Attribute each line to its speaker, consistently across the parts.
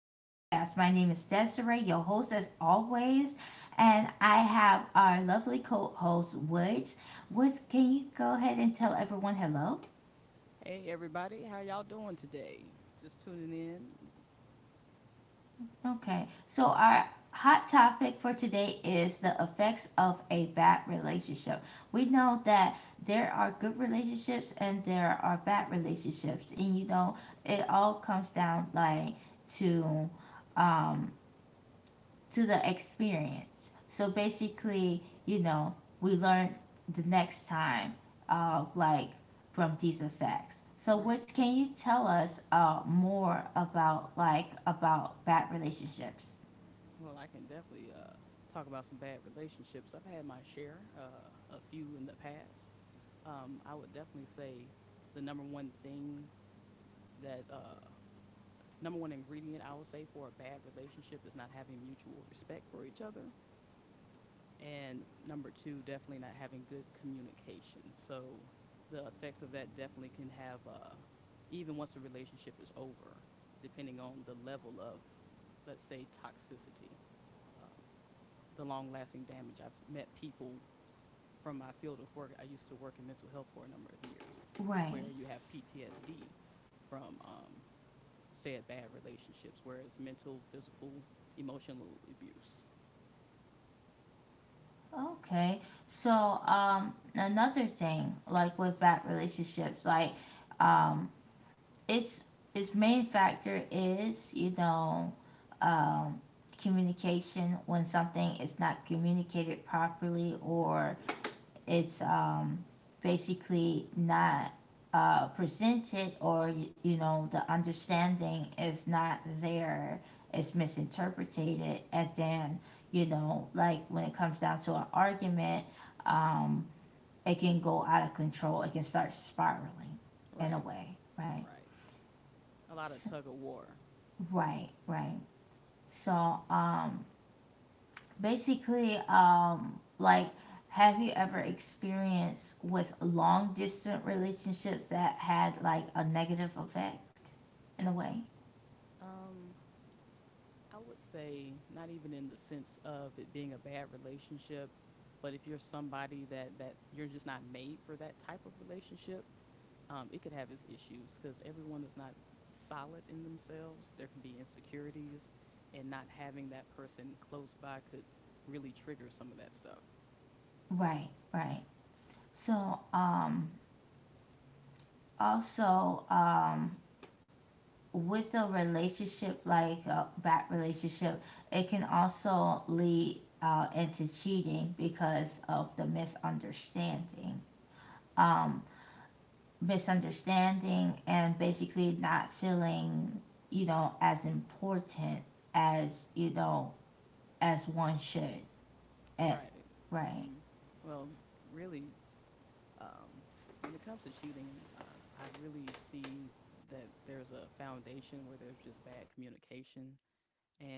Speaker 1: podcast. My name is Desiree, your host, as always. And I have our lovely co host, Woods. Woods, can you go ahead and tell everyone hello?
Speaker 2: Hey everybody, how y'all doing today? Just tuning in.
Speaker 1: Okay. So, our hot topic for today is the effects of a bad relationship. We know that there are good relationships and there are bad relationships. And, you know, it all comes down like to. Um, to the experience. So basically, you know, we learn the next time, like from these effects. So, what
Speaker 2: Right.
Speaker 1: can you tell us more about bad relationships?
Speaker 2: Well, I can definitely talk about some bad relationships. I've had my share, a few in the past. I would definitely say the number one thing that number one ingredient I would say for a bad relationship is not having mutual respect for each other. And number two, definitely not having good communication. So the effects of that definitely can have, even once the relationship is over, depending on the level of, let's say, toxicity, um, the long lasting damage. I've met people from my field of work. I used to work in mental health for a number of years,
Speaker 1: Right.
Speaker 2: where you have PTSD from, say, bad relationships, where it's mental, physical, emotional abuse.
Speaker 1: Okay. So, another thing, like with bad relationships, like, um, its its main factor is, you know, um, communication. When something is not communicated properly, or
Speaker 2: Absolutely.
Speaker 1: it's, basically not presented, or, you know, the understanding is not there, it's misinterpreted. And then, you know, like when it comes down to an argument, um, it can go out of control, it can start spiraling in a way,
Speaker 2: Right.
Speaker 1: right?
Speaker 2: Right. A
Speaker 1: So,
Speaker 2: lot of tug of war.
Speaker 1: right, right. So, basically, like, have you ever experienced with long distance relationships that had like a negative effect in a way?
Speaker 2: Um, I would say not even in the sense of it being a bad relationship, but if you're somebody that you're just not made for that type of relationship, it could have its issues because everyone is not solid in themselves. There could be insecurities, and not having that person close by could really trigger some of that stuff.
Speaker 1: Right, right. So, also, with a relationship, like a bad relationship, it can also lead into cheating because of the misunderstanding. Misunderstanding, and basically not feeling, you know, as important as, you know, as one should. Eh,
Speaker 2: Right.
Speaker 1: right.
Speaker 2: hmm Well, really, um, when it comes to cheating, I really see that there's a foundation where there's just bad communication,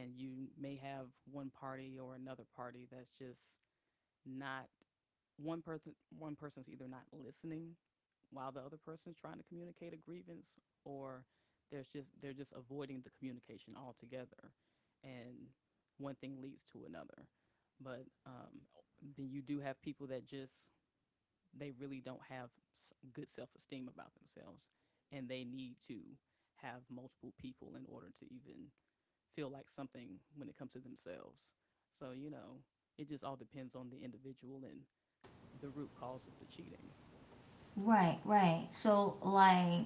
Speaker 2: and you may have one party or another party that's just not one person's either not listening while the other person's trying to communicate a grievance, or there's just they're just avoiding the communication altogether. And one thing leads to another, but then you do have people that just they really don't have good self-esteem about themselves, and they need to have multiple people in order to even feel like something when it comes to themselves. So you know it just all depends on the individual and the root cause of the cheating.
Speaker 1: Right, right. So, like,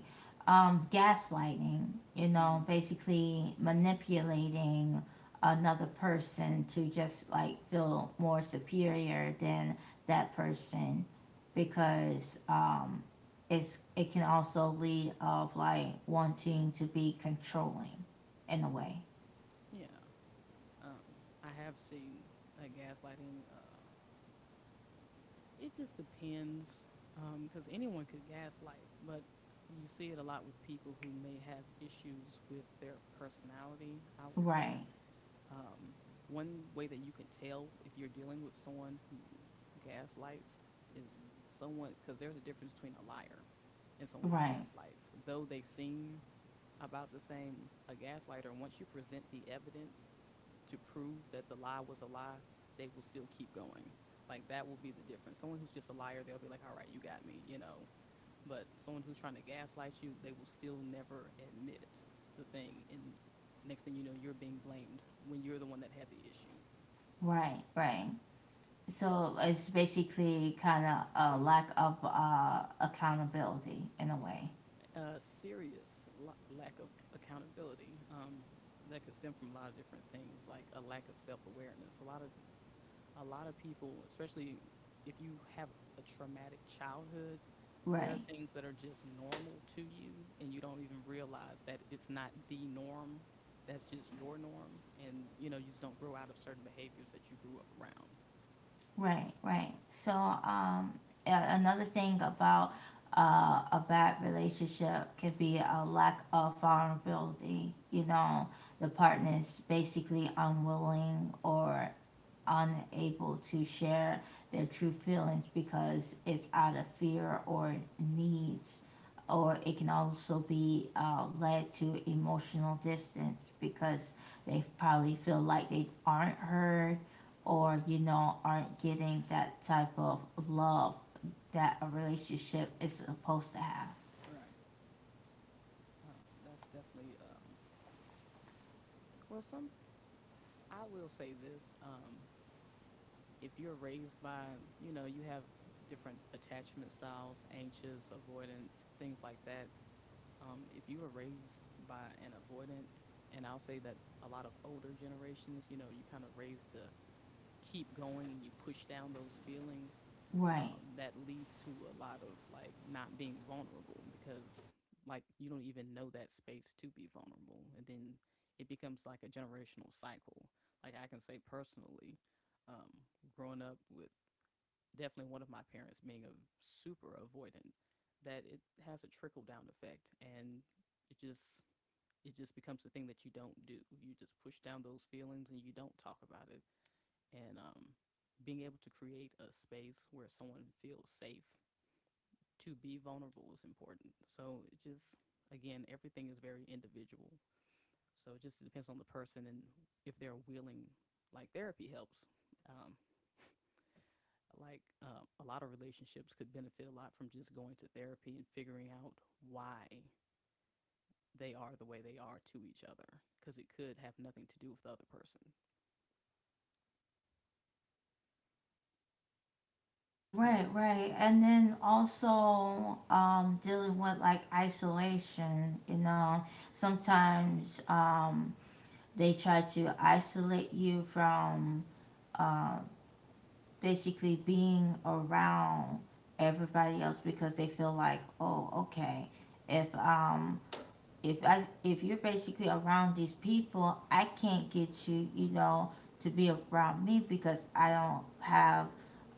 Speaker 1: gaslighting, you know,
Speaker 2: Mm-hmm.
Speaker 1: basically manipulating another person to just like feel more superior than that person, because it can also lead of like wanting to be controlling in a way.
Speaker 2: Yeah, I have seen that gaslighting. It just depends, because anyone could gaslight, but you see it a lot with people who may have issues with their personality. I would
Speaker 1: Right,
Speaker 2: say um, one way that you can tell if you're dealing with someone who gaslights is someone, because there's a difference between a liar and someone
Speaker 1: right,
Speaker 2: who gaslights. Though they seem about the same, a gaslighter, once you present the evidence to prove that the lie was a lie, they will still keep going. Like that will be the difference. Someone who's just a liar, they'll be like, all right, you got me, you know. But someone who's trying to gaslight you, they will still never admit the thing. And next thing you know, you're being blamed when you're the one that had the issue.
Speaker 1: right, right. So it's basically kind of a lack of accountability in a way.
Speaker 2: A serious lack of accountability, that could stem from a lot of different things, like a lack of self-awareness. A lot of people, especially if you have a traumatic childhood,
Speaker 1: Right,
Speaker 2: there are things that are just normal to you, and you don't even realize that it's not the norm. That's just your norm, and you know you just don't grow out of certain behaviors that you grew up around.
Speaker 1: right, right. So, another thing about a bad relationship could be a lack of vulnerability. You know, the partner's basically unwilling or unable to share their true feelings, because it's out of fear or needs, or it can also be led to emotional distance because they probably feel like they aren't heard, or, you know, aren't getting that type of love that a relationship is supposed to have,
Speaker 2: Right. Um, that's definitely well. Some I will say this. If you're raised by, you know, you have different attachment styles, anxious, avoidance, things like that. If you were raised by an avoidant, and I'll say that a lot of older generations, you know, you kind of raised to keep going and you push down those feelings,
Speaker 1: right?
Speaker 2: that leads to a lot of like not being vulnerable because like you don't even know that space to be vulnerable. And then it becomes like a generational cycle. Like I can say personally, um, growing up with definitely one of my parents being a super avoidant, that it has a trickle down effect, and it just becomes the thing that you don't do. You just push down those feelings and you don't talk about it, and being able to create a space where someone feels safe to be vulnerable is important. So it just, again, everything is very individual. So it just depends on the person and if they're willing. Like therapy helps. Um, like a lot of relationships could benefit a lot from just going to therapy and figuring out why they are the way they are to each other, because it could have nothing to do with the other person.
Speaker 1: Right,
Speaker 2: You know.
Speaker 1: right. And then also, dealing with like isolation. You know, sometimes, they try to isolate you from basically being around everybody else, because they feel like, oh, okay, if um, if I, if you're basically around these people, I can't get you, you know, to be around me, because I don't have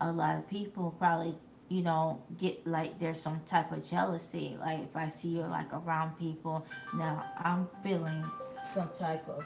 Speaker 1: a lot of people probably, you know, get like there's some type of jealousy. Like, if I see you're like
Speaker 2: Mm-hmm.
Speaker 1: around people, now I'm feeling some type of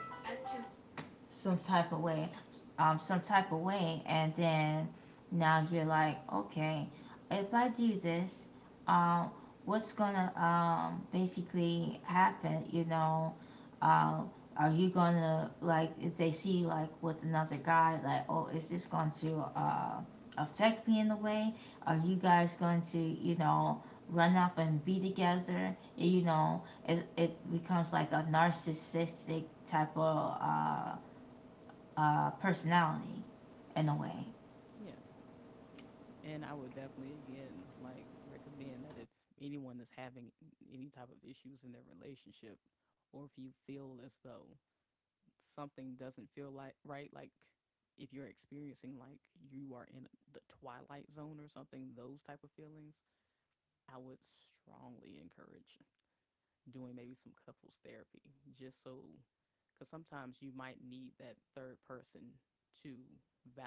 Speaker 1: some type of way, some type of way, and then now you're like, okay, if I do this, um, what's gonna basically happen? You know, um, are you gonna, like if they see you like with another guy, like, oh, is this going to affect me in a way? Are you guys going to, you know, run up and be together, you know? It becomes like a narcissistic type of personality in a way.
Speaker 2: Yeah. And I would definitely again like recommend that if anyone is having any type of issues in their relationship, or if you feel as though something doesn't feel like right, like if you're experiencing like you are in the twilight zone or something, those type of feelings, I would strongly encourage doing maybe some couples therapy, just so, because sometimes you might need that third person to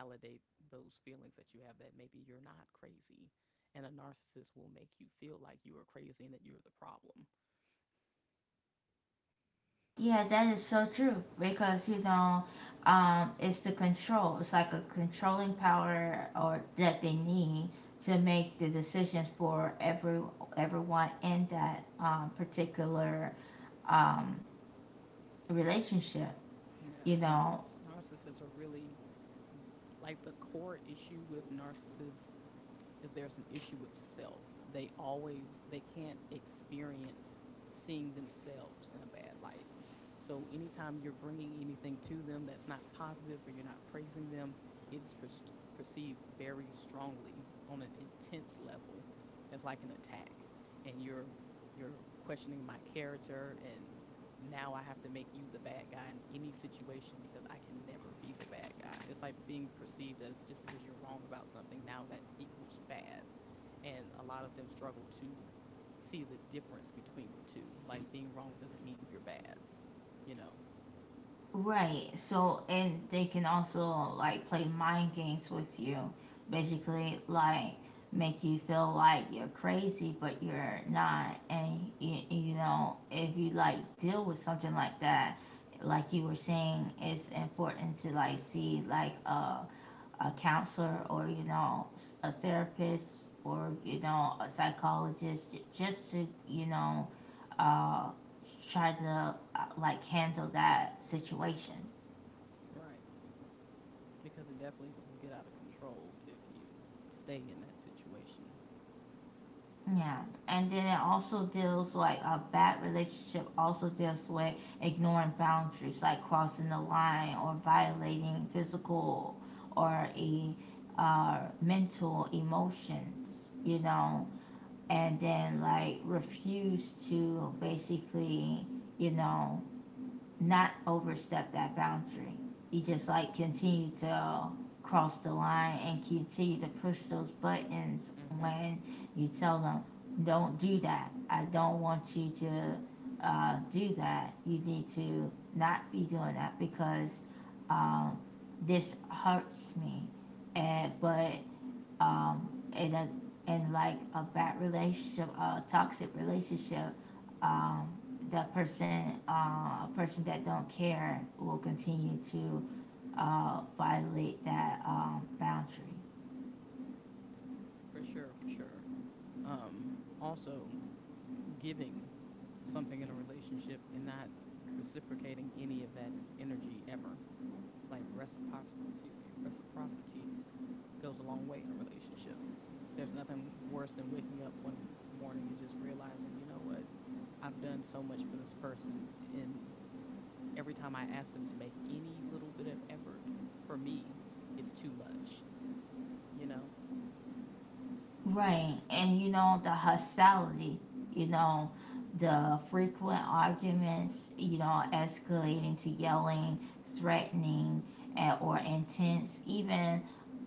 Speaker 2: validate those feelings that you have, that maybe you're not crazy. And a narcissist will make you feel like you are crazy and that you're the problem.
Speaker 1: Yeah, that is so true, because, you know, it's the control. It's like a controlling power or that they need to make the decisions for everyone in that, particular, um, relationship. You
Speaker 2: Yeah, and
Speaker 1: know,
Speaker 2: narcissists are really, like the core issue with narcissists is there's an issue with self. They always they can't experience seeing themselves in a bad light. So anytime you're bringing anything to them that's not positive or you're not praising them, it is perceived very strongly on an intense level as like an attack. And you're questioning my character, and now I have to make you the bad guy in any situation because I can never be the bad guy. It's like being perceived as, just because you're wrong about something, now that equals bad. And a lot of them struggle to see the difference between the two. Like being wrong doesn't mean you're bad, you know?
Speaker 1: right. So, and they can also like play mind games with you, basically like make you feel like you're crazy, but you're not. And you know, if you like deal with something like that, like you were saying, it's important to like see like a counselor, or, you know, a therapist, or, you know, a psychologist, just to, you know, uh, try to like handle that situation.
Speaker 2: Right. Because it definitely will get out of control if you stay in that situation.
Speaker 1: Yeah, and then it also deals, like a bad relationship also deals with ignoring boundaries, like crossing the line or violating physical or a mental emotions, you know. And then like refuse to basically, you know, not overstep that boundary. You just like continue to cross the line and continue to push those buttons
Speaker 2: Mm-hmm.
Speaker 1: when you tell them, don't do that. I don't want you to do that. You need to not be doing that, because um, this hurts me. And but um, in a, in a bad relationship, a toxic relationship, um, the person, uh, a person that don't care will continue to violate that, boundary.
Speaker 2: For sure, for sure. Um, also, giving something in a relationship and not reciprocating any of that energy ever. Like excuse me, reciprocity goes a long way in a relationship. There's nothing worse than waking up one morning and just realizing, you know what, I've done so much for this person, and every time I ask them to make any little bit of effort for me, it's too much, you know?
Speaker 1: Right, and you know, the hostility, you know, the frequent arguments, you know, escalating to yelling, threatening, and or intense, even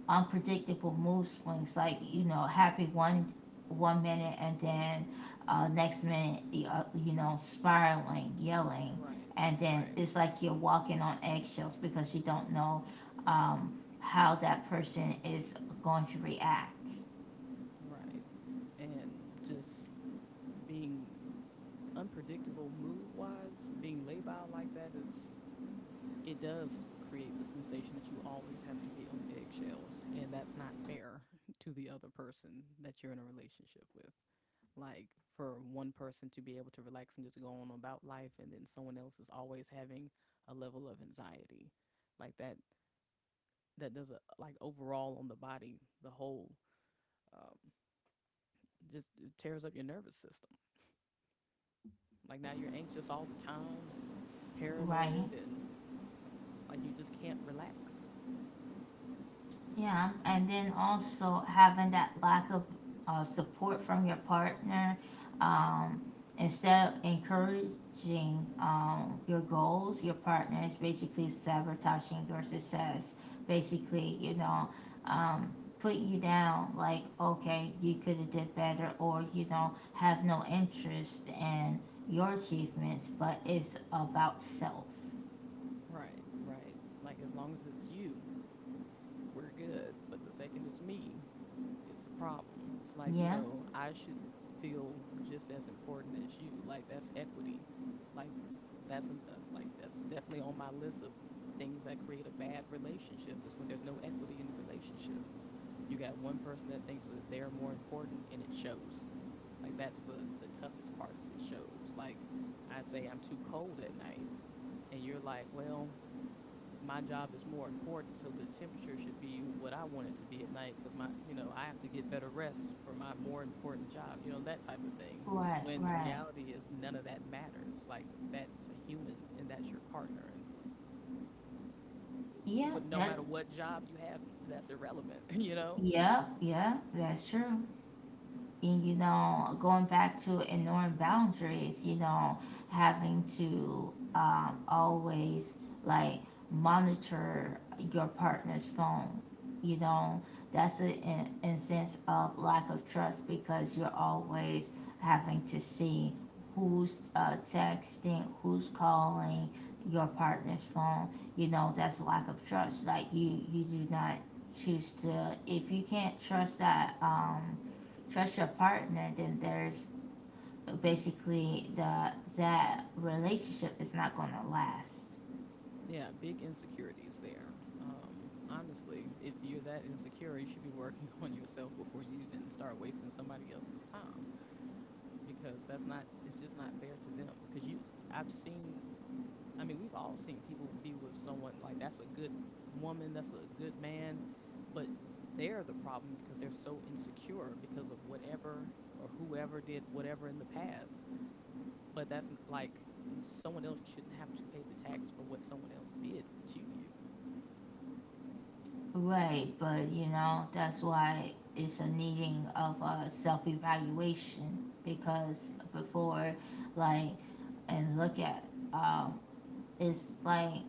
Speaker 1: unpredictable mood swings. Like, you know, happy one minute and then next minute you, you know, spiraling, yelling,
Speaker 2: Right,
Speaker 1: and then
Speaker 2: right,
Speaker 1: it's like you're walking on eggshells because you don't know, how that person is going to react.
Speaker 2: right. And just being unpredictable mood wise, being laid out like that is, it does create the sensation that you always have to be on eggshells, and that's not fair to the other person that you're in a relationship with. Like for one person to be able to relax and just go on about life, and then someone else is always having a level of anxiety. Like that does a like overall on the body, the whole um, just it tears up your nervous system. Like now you're anxious all the time and
Speaker 1: Right?
Speaker 2: paranoid and like you just can't relax.
Speaker 1: Yeah, and then also having that lack of support from your partner. um, Instead of encouraging, your goals, your partner is basically sabotaging your success. Basically, you know, um, put you down. Like, okay, you could have did better, or, you know, have no interest in your achievements, but it's about self.
Speaker 2: Right, right. Like as long as it's you, we're good. But the second it's me, it's a problem. It's like, you
Speaker 1: Yeah,
Speaker 2: know, I should feel just as important as you. Like that's equity. Like like that's definitely on my list of things that create a bad relationship is when there's no equity in the relationship. You got one person that thinks that they're more important, and it shows. Like that's the toughest part is it shows. Like I say I'm too cold at night, and you're like, "Well, my job is more important, so the temperature should be what I want it to be at night, because my, you know, I have to get better rest for my more important job, you know, that type of thing.
Speaker 1: right,
Speaker 2: When the
Speaker 1: right.
Speaker 2: reality is none of that matters. Like that's a human, and that's your partner, and
Speaker 1: Yeah,
Speaker 2: no
Speaker 1: that,
Speaker 2: matter what job you have, that's irrelevant you know.
Speaker 1: yeah, yeah, that's true. And you know, going back to ignoring boundaries, you know, having to, always like monitor your partner's phone, you know, that's a, in sense of lack of trust, because you're always having to see who's texting, who's calling your partner's phone. You know, that's lack of trust. Like, you do not choose to, if you can't trust that, trust your partner, then there's basically the, that relationship is not gonna last.
Speaker 2: Yeah, big insecurities there. um honestly, if you're that insecure you should be working on yourself before you even start wasting somebody else's time, because that's not, it's just not fair to them, because you, I've seen, I mean we've all seen people be with someone, like that's a good woman, that's a good man, but they're the problem because they're so insecure because of whatever or whoever did whatever in the past. But that's like someone else shouldn't have to pay the tax for what someone else did to you.
Speaker 1: Right, but you know, that's why it's a needing of a self evaluation because before, like, and look at, um, it's like,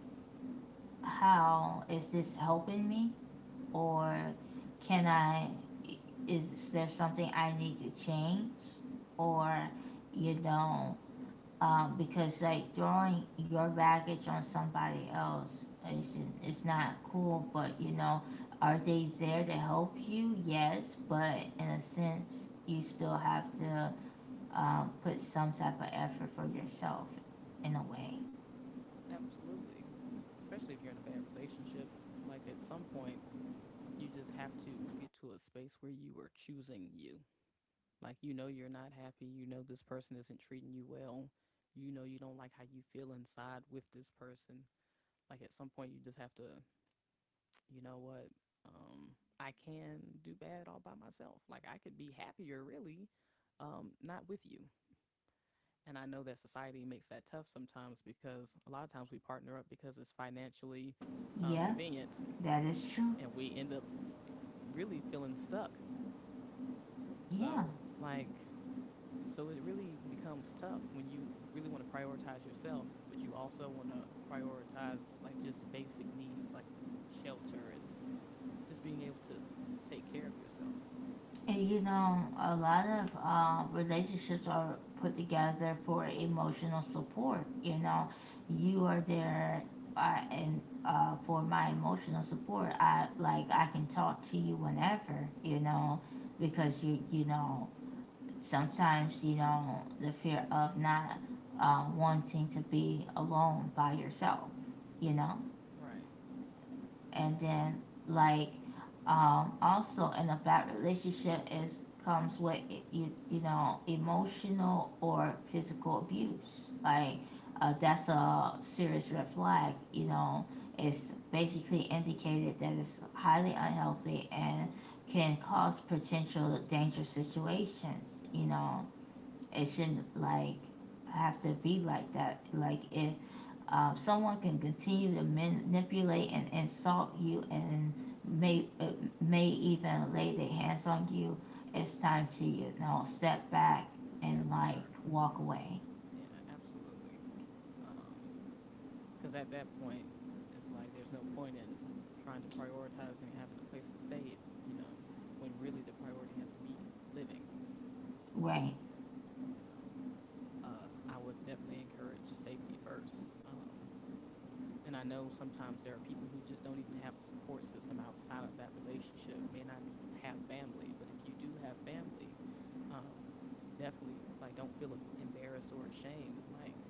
Speaker 1: how is this helping me? Or can I, is there something I need to change? Or, you know, because like throwing your baggage on somebody else is, it's not cool. But you know, are they there to help you? Yes, but in a sense, you still have to, put some type of effort for yourself in a way.
Speaker 2: Absolutely. Especially if you're in a bad relationship. And like at some point you just have to get to a space where you are choosing you. Like, you know, you're not happy. You know, this person isn't treating you well. You know, you don't like how you feel inside with this person. Like, at some point, you just have to, you know what? Um, I can do bad all by myself. Like, I could be happier, really, not with you. And I know that society makes that tough sometimes because a lot of times we partner up because it's financially
Speaker 1: Yeah,
Speaker 2: convenient
Speaker 1: that is true.
Speaker 2: and we end up really feeling stuck.
Speaker 1: Yeah.
Speaker 2: So, like, So it really becomes tough when you really want to prioritize yourself, but you also want to prioritize like just basic needs like shelter and just being able to take care of yourself.
Speaker 1: And you know, a lot of relationships are put together for emotional support. You know, you are there and for my emotional support. I like, I can talk to you whenever. You know, because you know, sometimes, you know, the fear of not wanting to be alone by yourself. You know,
Speaker 2: Right.
Speaker 1: and
Speaker 2: And
Speaker 1: then like, also in a bad relationship is comes with, you know, emotional or physical abuse. Like, that's a serious red flag, you know. It's basically indicated that it's highly unhealthy and can cause potential dangerous situations. You know, it shouldn't like have to be like that. Like, if someone can continue to manipulate and insult you, and may, may even lay their hands on you, it's time to, you know, step back,
Speaker 2: yeah,
Speaker 1: and
Speaker 2: for
Speaker 1: like
Speaker 2: sure.
Speaker 1: walk away.
Speaker 2: Yeah, absolutely. Um because at that point it's like there's no point in trying to prioritize and having a place to stay if you know when really the priority has to be living
Speaker 1: Right,
Speaker 2: you know uh, I would definitely encourage safety first, and I know sometimes there are people who just don't even have a support system outside of that relationship, may not have family, but if you do have family, um, definitely like don't feel embarrassed or ashamed, like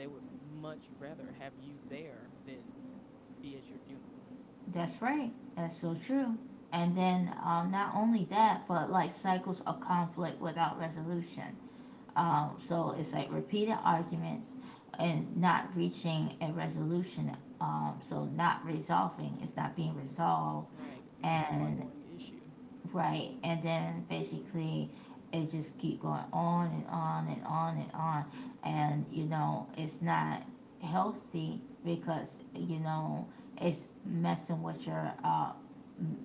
Speaker 2: they would much rather have you there than be at your funeral.
Speaker 1: that's right, that's so true. And then, not only that, but like cycles of conflict without resolution. So it's like repeated arguments and not reaching a resolution. So not resolving, it's not being resolved.
Speaker 2: Right, it becomes an
Speaker 1: And
Speaker 2: ongoing issue.
Speaker 1: right. And then basically it just keep going on and on and on and on. And, you know, it's not healthy, because, you know, it's messing with your,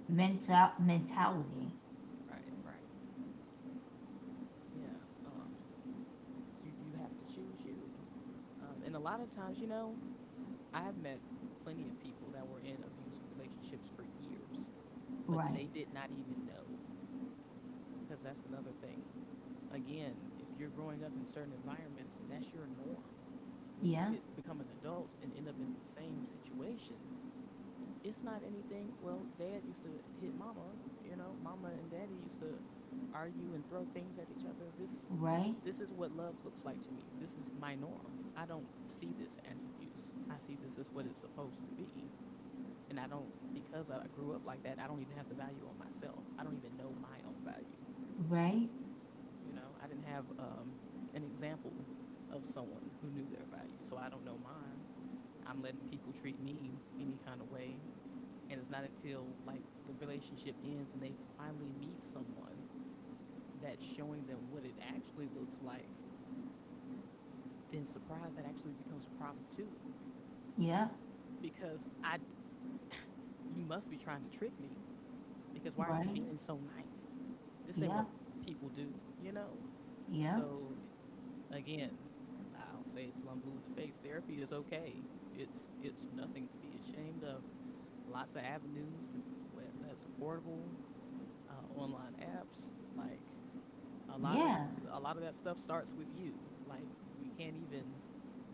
Speaker 1: mental mentality.
Speaker 2: Right, right. Yeah. You have to choose you. And a lot of times, you know, I have met plenty of people that were in abusive relationships for years, but
Speaker 1: Right.
Speaker 2: they did not even know, because that's another thing. Again, if you're growing up in certain environments and that's your norm, when you
Speaker 1: Yeah.
Speaker 2: get become an adult and end up in the same situation, it's not anything. Well, dad used to hit mama, you know, mama and daddy used to argue and throw things at each other. This
Speaker 1: Right.
Speaker 2: this is what love looks like to me. This is my norm. I don't see this as abuse. I see this as what it's supposed to be. And I don't, because I grew up like that, I don't even have the value on myself. I don't even know my own value.
Speaker 1: Right.
Speaker 2: You know, I didn't have an example of someone who knew their value. So I don't know mine. I'm letting people treat me any kind of way. And it's not until like the relationship ends and they finally meet someone that's showing them what it actually looks like, then surprise, that actually becomes a problem too.
Speaker 1: Yeah.
Speaker 2: Because I, you must be trying to trick me, because why are you
Speaker 1: Right.
Speaker 2: being so nice? This ain't
Speaker 1: Yeah.
Speaker 2: what people do, you know?
Speaker 1: Yeah.
Speaker 2: So, again, I'll say it till I'm blue in the face. Therapy is okay. It's nothing to be ashamed of. Lots of avenues to that's affordable. Online apps, like a
Speaker 1: Yeah.
Speaker 2: lot of that stuff starts with you. Like, we can't even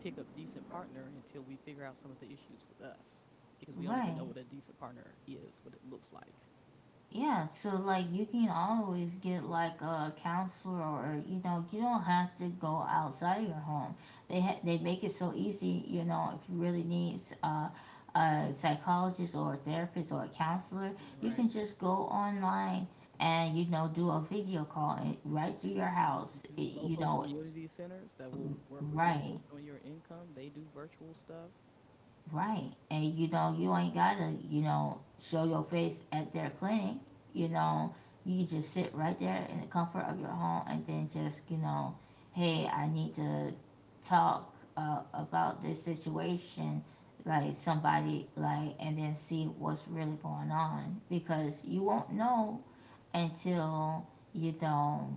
Speaker 2: pick up decent partner until we figure out some of the issues with us, because we don't even know
Speaker 1: Right.
Speaker 2: what a decent partner is, what it looks like,
Speaker 1: Yeah, so like you can always get like a counselor, or, you know, you don't have to go outside your home. They ha-, they make it so easy, you know. If you really need a psychologist or a therapist or a counselor, you can
Speaker 2: right?
Speaker 1: just go online and, you know, do a video call and right through your
Speaker 2: Yes.
Speaker 1: house.
Speaker 2: Mhm.
Speaker 1: It-, you
Speaker 2: Local
Speaker 1: know,
Speaker 2: community centers that will work with you
Speaker 1: right.
Speaker 2: based on your income. They do virtual stuff.
Speaker 1: Right. And you know, you ain't gotta, you know, show your face at their clinic. You know, you can just sit right there in the comfort of your home and then just, you know, hey, I need to talk about this situation, like somebody, like, and then see what's really going on, because you won't know until, you know,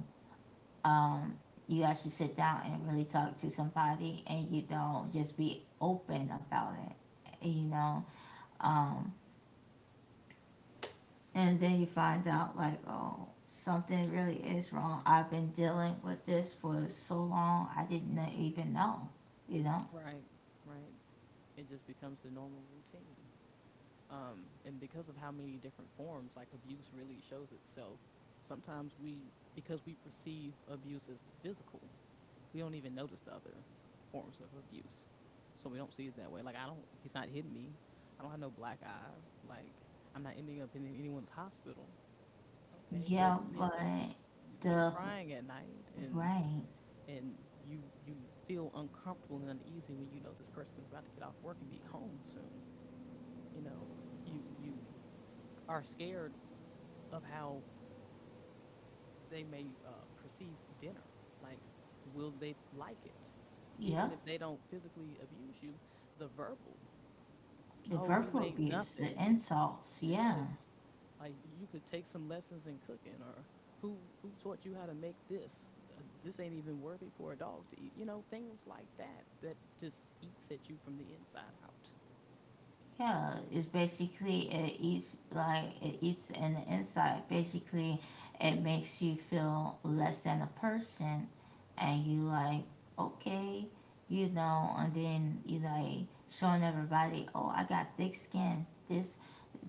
Speaker 1: um, you actually sit down and really talk to somebody, and you don't just be open about it, you know. Um, and then you find out, like, oh, something really is wrong. I've been dealing with this for so long, I didn't even know, you know.
Speaker 2: Right, right. It just becomes the normal routine. And because of how many different forms, like abuse really shows itself, sometimes we, because we perceive abuse as the physical, we don't even notice the other forms of abuse. So we don't see it that way. Like, I don't, he's not hitting me. I don't have no black eye. Like, I'm not ending up in anyone's hospital. Okay, but
Speaker 1: Yeah, but
Speaker 2: you're
Speaker 1: the,
Speaker 2: crying at night, and
Speaker 1: right,
Speaker 2: and you feel uncomfortable and uneasy when you know this person's about to get off work and be home soon. You know, you are scared of how they may perceive dinner. Like, will they like it?
Speaker 1: yeah,
Speaker 2: Even if they don't physically abuse you, the verbal.
Speaker 1: the
Speaker 2: Oh, you
Speaker 1: verbal
Speaker 2: ain't
Speaker 1: abuse, the
Speaker 2: nothing.
Speaker 1: insults,
Speaker 2: Yeah,
Speaker 1: yeah.
Speaker 2: like, you could take some lessons in cooking, or who taught you how to make this? This ain't even worthy for a dog to eat. You know, things like that that just eats at you from the inside out.
Speaker 1: Yeah, it's basically, it is like it eats in the inside. Basically, it makes you feel less than a person, and you like, okay, you know, and then you like showing everybody, oh, I got thick skin. This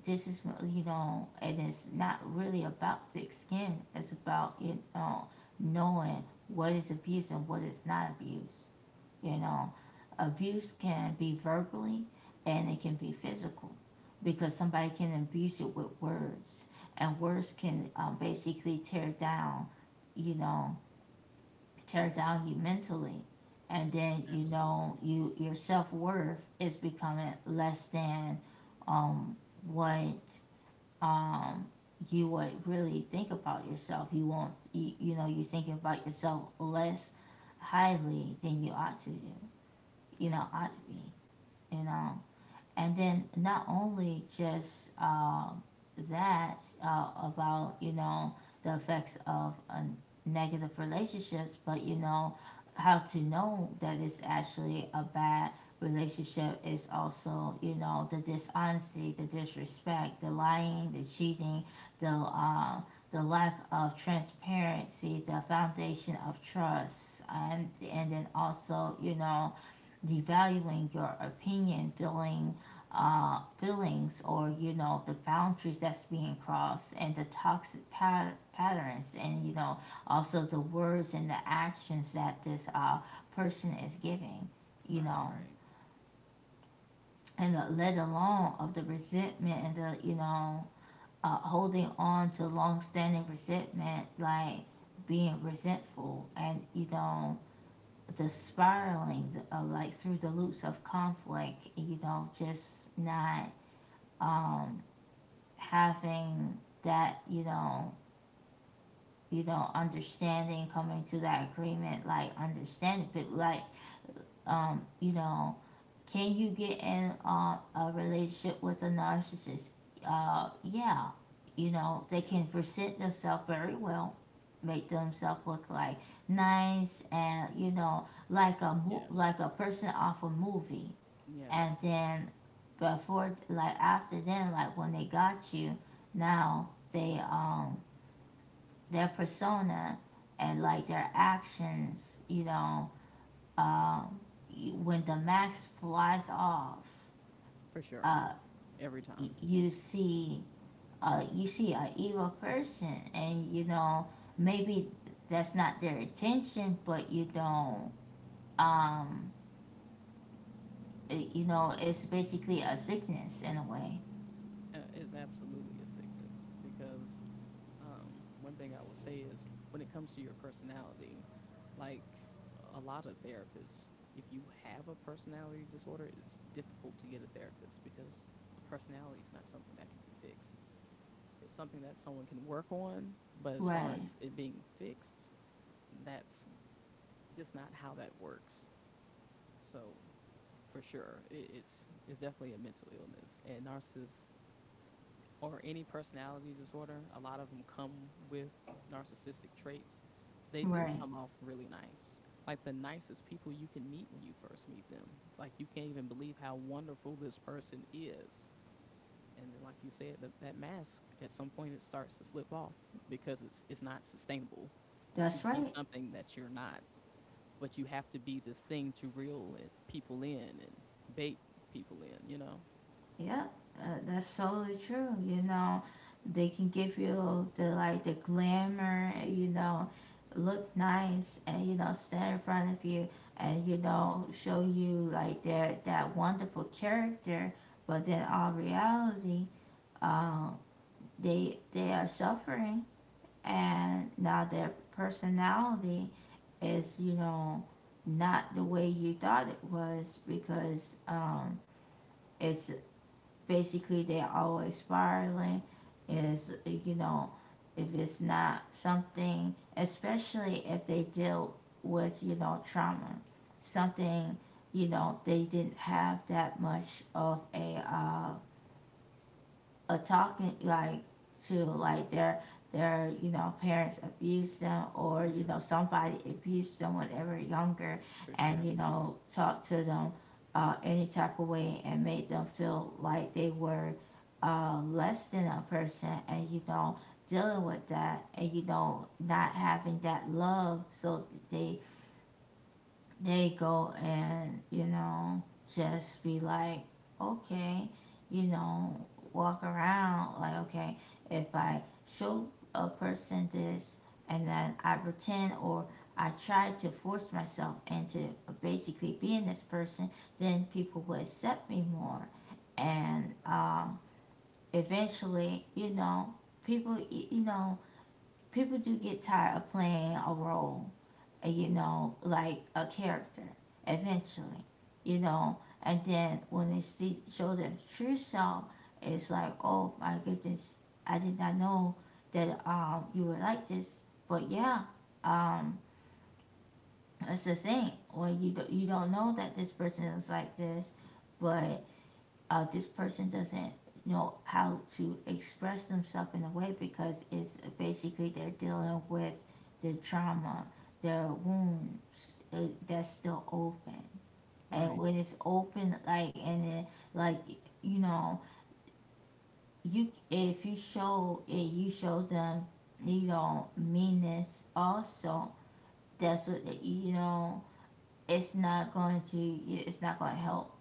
Speaker 1: this is my-, you know. And it's not really about thick skin. It's about knowing what is abuse and what is not abuse. You know, abuse can be verbally and it can be physical because somebody can abuse it with words, and words can basically tear down, you know, tear down you mentally, and then you know
Speaker 2: Absolutely,
Speaker 1: your self worth is becoming less than um, what um, you would really think about yourself. You won't, you know, you're thinking about yourself less highly than you ought to do, you know, ought to be,
Speaker 2: absolutely.
Speaker 1: you know. And then not only just that, about you know the effects of negative relationships, but you know how to know that it's actually a bad relationship is also, you know, the dishonesty, the disrespect, the lying, the cheating, the um, the lack of transparency, the foundation of trust, and then also, you know, devaluing your opinion, feeling feelings, or you know the boundaries that's being crossed, and the toxic patterns, and you know also the words and the actions that this person is giving, you
Speaker 2: Right,
Speaker 1: know.
Speaker 2: right.
Speaker 1: And let alone of the resentment and the, you know, holding on to long-standing resentment, like being resentful and you know the spiraling of like through the loops of conflict, you know, just not um, having that, you know, understanding, coming to that agreement, like understanding, but like, you know, can you get in a relationship with a narcissist? Yeah, you know they
Speaker 2: Yeah.
Speaker 1: can present themselves very well, make themselves look like nice and you know
Speaker 2: Yes.
Speaker 1: like a person off a movie,
Speaker 2: Yes,
Speaker 1: and then before like after then like when they got you, now they their persona and like their actions, you know, um, when the mask flies off,
Speaker 2: for sure.
Speaker 1: uh,
Speaker 2: Every time.
Speaker 1: you see, you see a evil person, and you know maybe that's not their intention, but you don't um it- you know it's basically a sickness in a way.
Speaker 2: It's absolutely a sickness because, one thing I will say is when it comes to your personality, like, a lot of therapists, if you have a personality disorder, it's difficult to get a therapist because a personality is not something that can be fixed. It's something that someone can work on, but as far as
Speaker 1: Right.
Speaker 2: it being fixed, that's just not how that works. So, for sure, it's definitely a mental illness, and narcissists or any personality disorder, a lot of them come with narcissistic traits. They do
Speaker 1: Right.
Speaker 2: come off really nice, like the nicest people you can meet when you first meet them. Like, you can't even believe how wonderful this person is. And then, like you said, that mask at some point it starts to slip off, because it's not sustainable to
Speaker 1: That's
Speaker 2: be
Speaker 1: right.
Speaker 2: something that you're not, but you have to be this thing to reel it, people in, and bait people in, you know?
Speaker 1: Yeah, that's totally true. You know, they can give you the like the glamour, you know, look nice and you know stand in front of you and you know show you like their that wonderful character, but then all reality, um, they are suffering and now their personality is, you know, not the way you thought it was, because it's basically they're always spiraling, and it's you know if it's not something, especially if they deal with you know trauma, something, you know they didn't have that much of a, a talking like to like their you know parents abused them, or
Speaker 2: Yeah,
Speaker 1: you know somebody abused them when they were younger
Speaker 2: for
Speaker 1: and
Speaker 2: sure.
Speaker 1: you know talked to them any type of way and made them feel like they were less than a person, and you know dealing with that and you know not having that love, so they they go and you know just be like okay, you know, walk around like, okay, if I show a person this and then I pretend or I try to force myself into basically being this person, then people will accept me more. And
Speaker 2: Right.
Speaker 1: eventually, you know, people, you know, people do get tired of playing a role, you know, like a character, eventually, you know. And then when they see show their true self, it's like, oh my goodness, I did not know that you were like this. But yeah, um that's the thing when you do, you don't know that this person is like this, but this person doesn't know how to express themselves in a way because it's basically they're dealing with the trauma, their wounds, that's still open. And
Speaker 2: Right.
Speaker 1: when it's open, like and then like, you know, you if you show it, you show them you know meanness also. That's what you know. It's not going to. It's not going to help,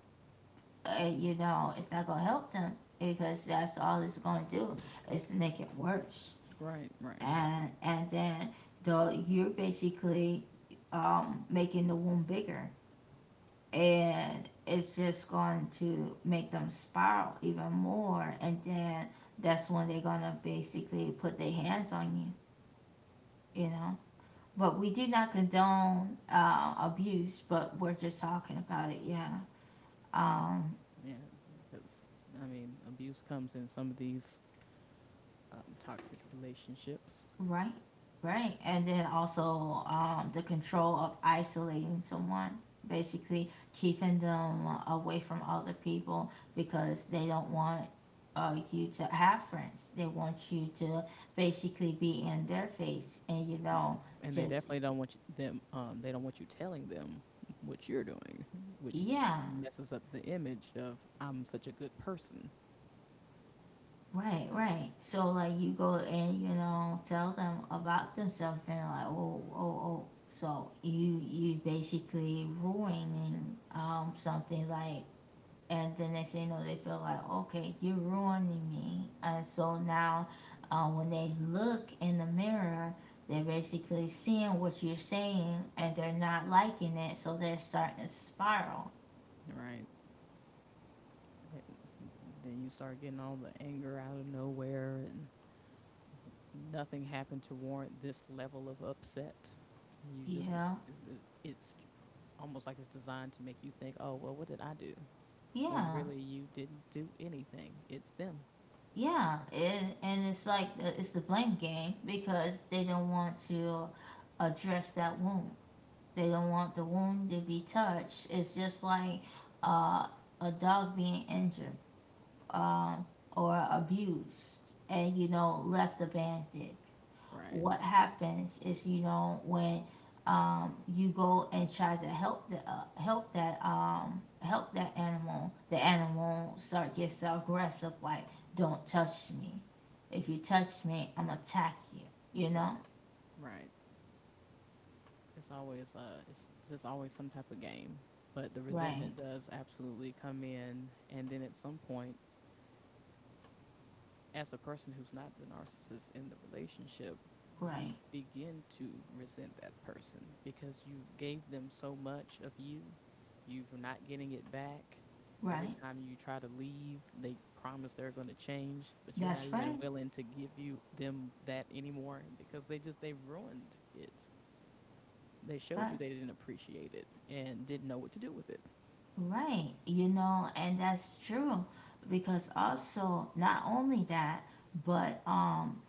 Speaker 1: you know, it's not going to help them because that's all it's going to do is make it worse.
Speaker 2: Right. Right.
Speaker 1: And then though you're basically making the wound bigger, and it's just going to make them spiral even more. And then that's when they're going to basically put their hands on you, you know. But we do not condone abuse, but we're just talking about it, yeah. Um,
Speaker 2: Yeah. Because, I mean, abuse comes in some of these toxic relationships.
Speaker 1: Right. Right. And then also, the control of isolating someone, basically keeping them away from other people because they don't want you to have friends. They want you to basically be in their face and, you
Speaker 2: Yeah.
Speaker 1: know,
Speaker 2: And they
Speaker 1: just,
Speaker 2: definitely don't want you, they don't want you telling them what you're doing, which
Speaker 1: yeah.
Speaker 2: messes up the image of I'm such a good person.
Speaker 1: Right, right. So like you go and you know tell them about themselves, then like, oh, oh, oh. So you basically ruining something like, and then next thing you know, they feel like, okay, you're ruining me. And so now, when they look in the mirror, they're basically seeing what you're saying and they're not liking it, so they're starting to spiral.
Speaker 2: Right. And then you start getting all the anger out of nowhere and nothing happened to warrant this level of upset, and you
Speaker 1: You
Speaker 2: just
Speaker 1: know?
Speaker 2: it's almost like it's designed to make you think, "Oh, well, what did I do?" when
Speaker 1: Yeah.
Speaker 2: really you didn't do anything. It's them.
Speaker 1: Yeah. It, and it's like, it's the blame game because they don't want to address that wound. They don't want the wound to be touched. It's just like uh, a dog being injured, um, or abused and you know left abandoned.
Speaker 2: Right.
Speaker 1: What happens is, you know, when you go and try to help the help that animal, the animal start gets so aggressive, like, don't touch me, if you touch me I'm attack you, you know.
Speaker 2: Right. Right. It's always it's just always some type of game. But the
Speaker 1: Right.
Speaker 2: resentment does absolutely come in, and then at some point, as a person who's not the narcissist in the relationship, you
Speaker 1: Right.
Speaker 2: begin to resent that person because you gave them so much of you. You're not getting it back. Every
Speaker 1: Right.
Speaker 2: time you try to leave, they promise they're going to change, but you're
Speaker 1: That's
Speaker 2: not even
Speaker 1: right.
Speaker 2: willing to give you them that anymore because they just they've ruined it. They showed
Speaker 1: Right.
Speaker 2: you they didn't appreciate it and didn't know what to do with it.
Speaker 1: Right, you know, and that's true because also not only that, but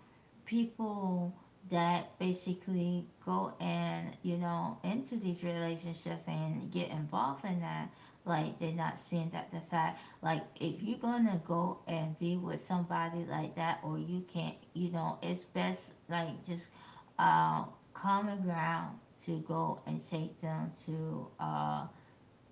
Speaker 1: people that basically go and, you know, into these relationships and get involved in that, like they're not seeing that the fact like if you're gonna go and be with somebody like that, or you can't, you know, it's best like just uh common ground to go and take them to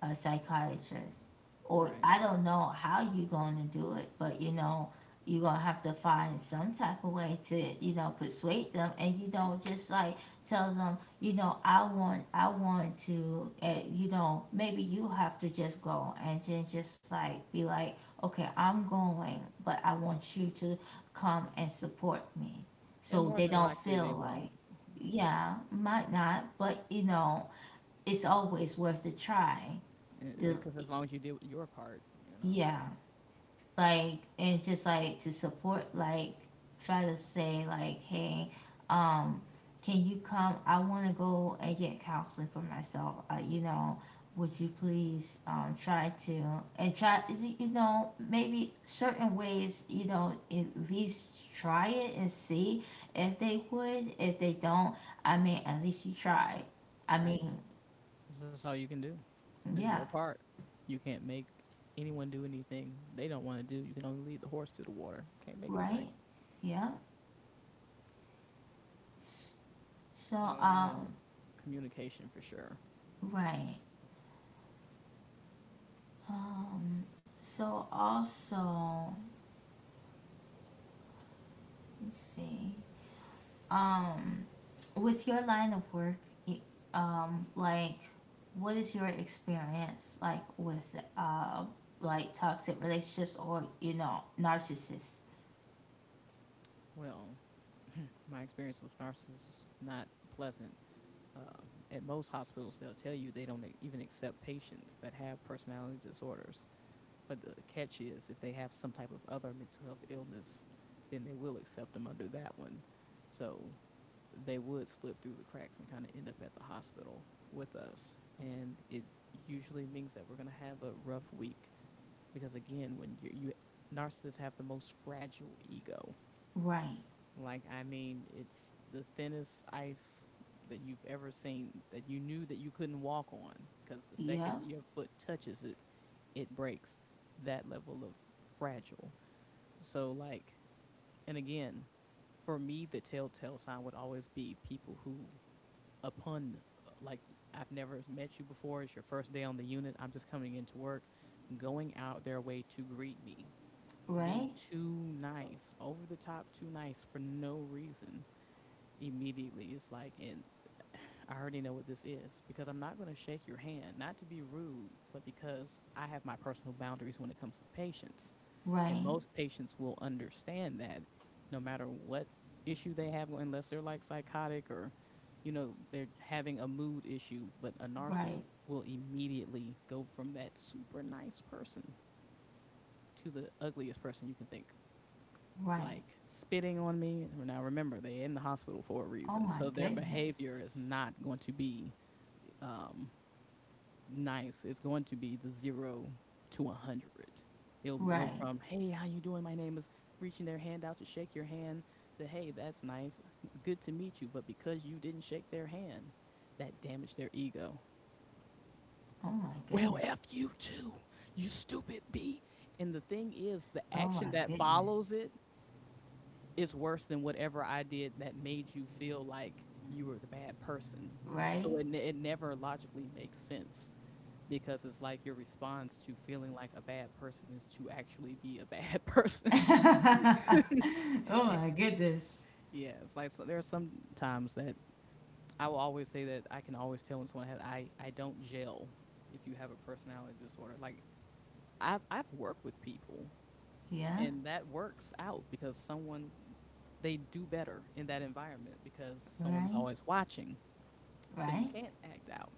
Speaker 1: a psychiatrist, or
Speaker 2: Right.
Speaker 1: I don't know how you're going to do it, but you know, you're going to have to find some type of way to, you know, persuade them and, you know, just like tell them, you know, I want to, you know, maybe you have to just go and then just like be like, okay, I'm going, but I want you to come and support me.
Speaker 2: And
Speaker 1: So
Speaker 2: more
Speaker 1: they
Speaker 2: than
Speaker 1: don't
Speaker 2: likely they
Speaker 1: feel like,
Speaker 2: won't,
Speaker 1: yeah, might not, but you know, it's always worth a try. The
Speaker 2: because as long as you do your part, you know,
Speaker 1: Yeah, like, and just like to support, like, try to say, like, hey, um can you come, I want to go and get counseling for myself, you know, would you please try to and try, you know, maybe certain ways, you know, at least try it and see if they would, if they don't, I mean, at least you tried, I
Speaker 2: right?
Speaker 1: mean,
Speaker 2: 'Cause that's all you can do. It's
Speaker 1: yeah,
Speaker 2: your part. You can't make anyone do anything they don't want to do. You can only lead the horse to the water. Can't make it drink.
Speaker 1: right, yeah. So
Speaker 2: So, you know, communication for sure.
Speaker 1: right. Um so also let's see. Um with your line of work, y- like, what is your experience like with like toxic relationships, or you know narcissists?
Speaker 2: Well, my experience with narcissists is not pleasant. At most hospitals, they'll tell you they don't even accept patients that have personality disorders. But the catch is, if they have some type of other mental health illness, then they will accept them under that one. So they would slip through the cracks and kind of end up at the hospital with us. And it usually means that we're going to have a rough week because, again, when you narcissists have the most fragile ego.
Speaker 1: Right.
Speaker 2: Like, I mean, it's the thinnest ice that you've ever seen that you knew that you couldn't walk on because the second
Speaker 1: Yep.
Speaker 2: your foot touches it, it breaks. That level of fragile. So, like, and again, for me, the telltale sign would always be people who upon, like, I've never met you before. It's your first day on the unit. I'm just coming into work, going out their way to greet me, being
Speaker 1: Right.
Speaker 2: too nice, over the top, too nice for no reason. Immediately, it's like, and I already know what this is, because I'm not going to shake your hand, not to be rude, but because I have my personal boundaries when it comes to patients. And
Speaker 1: Right.
Speaker 2: most patients will understand that, no matter what issue they have, unless they're like psychotic or, you know, they're having a mood issue, but a narcissist
Speaker 1: Right.
Speaker 2: will immediately go from that super nice person to the ugliest person you can think.
Speaker 1: Right.
Speaker 2: Like spitting on me. Now remember, they're in the hospital for a
Speaker 1: Oh
Speaker 2: reason.
Speaker 1: my
Speaker 2: So their behavior is
Speaker 1: goodness.
Speaker 2: not going to be um, nice. It's going to be the zero to a hundred. It'll go
Speaker 1: Right.
Speaker 2: from "Hey, how you doing? My name is," reaching their hand out to shake your hand, to "Hey, that's nice, good to meet you," but because you didn't shake their hand, that damaged their ego.
Speaker 1: Oh my
Speaker 2: Well, f you
Speaker 1: goodness.
Speaker 2: too, you stupid b. And the thing is, the
Speaker 1: Oh my
Speaker 2: action that follows
Speaker 1: goodness.
Speaker 2: it is worse than whatever I did that made you feel like you were the bad person.
Speaker 1: Right.
Speaker 2: So it it never logically makes sense, because it's like your response to feeling like a bad person is to actually be a bad person.
Speaker 1: Oh my goodness.
Speaker 2: Yeah, it's like, so there are some times that I will always say that I can always tell when someone has I don't gel if you have a personality disorder. Like I've worked with people,
Speaker 1: Yeah,
Speaker 2: and that works out because someone they do better in that environment because someone's
Speaker 1: right,
Speaker 2: always watching. So you
Speaker 1: right,
Speaker 2: can't act out.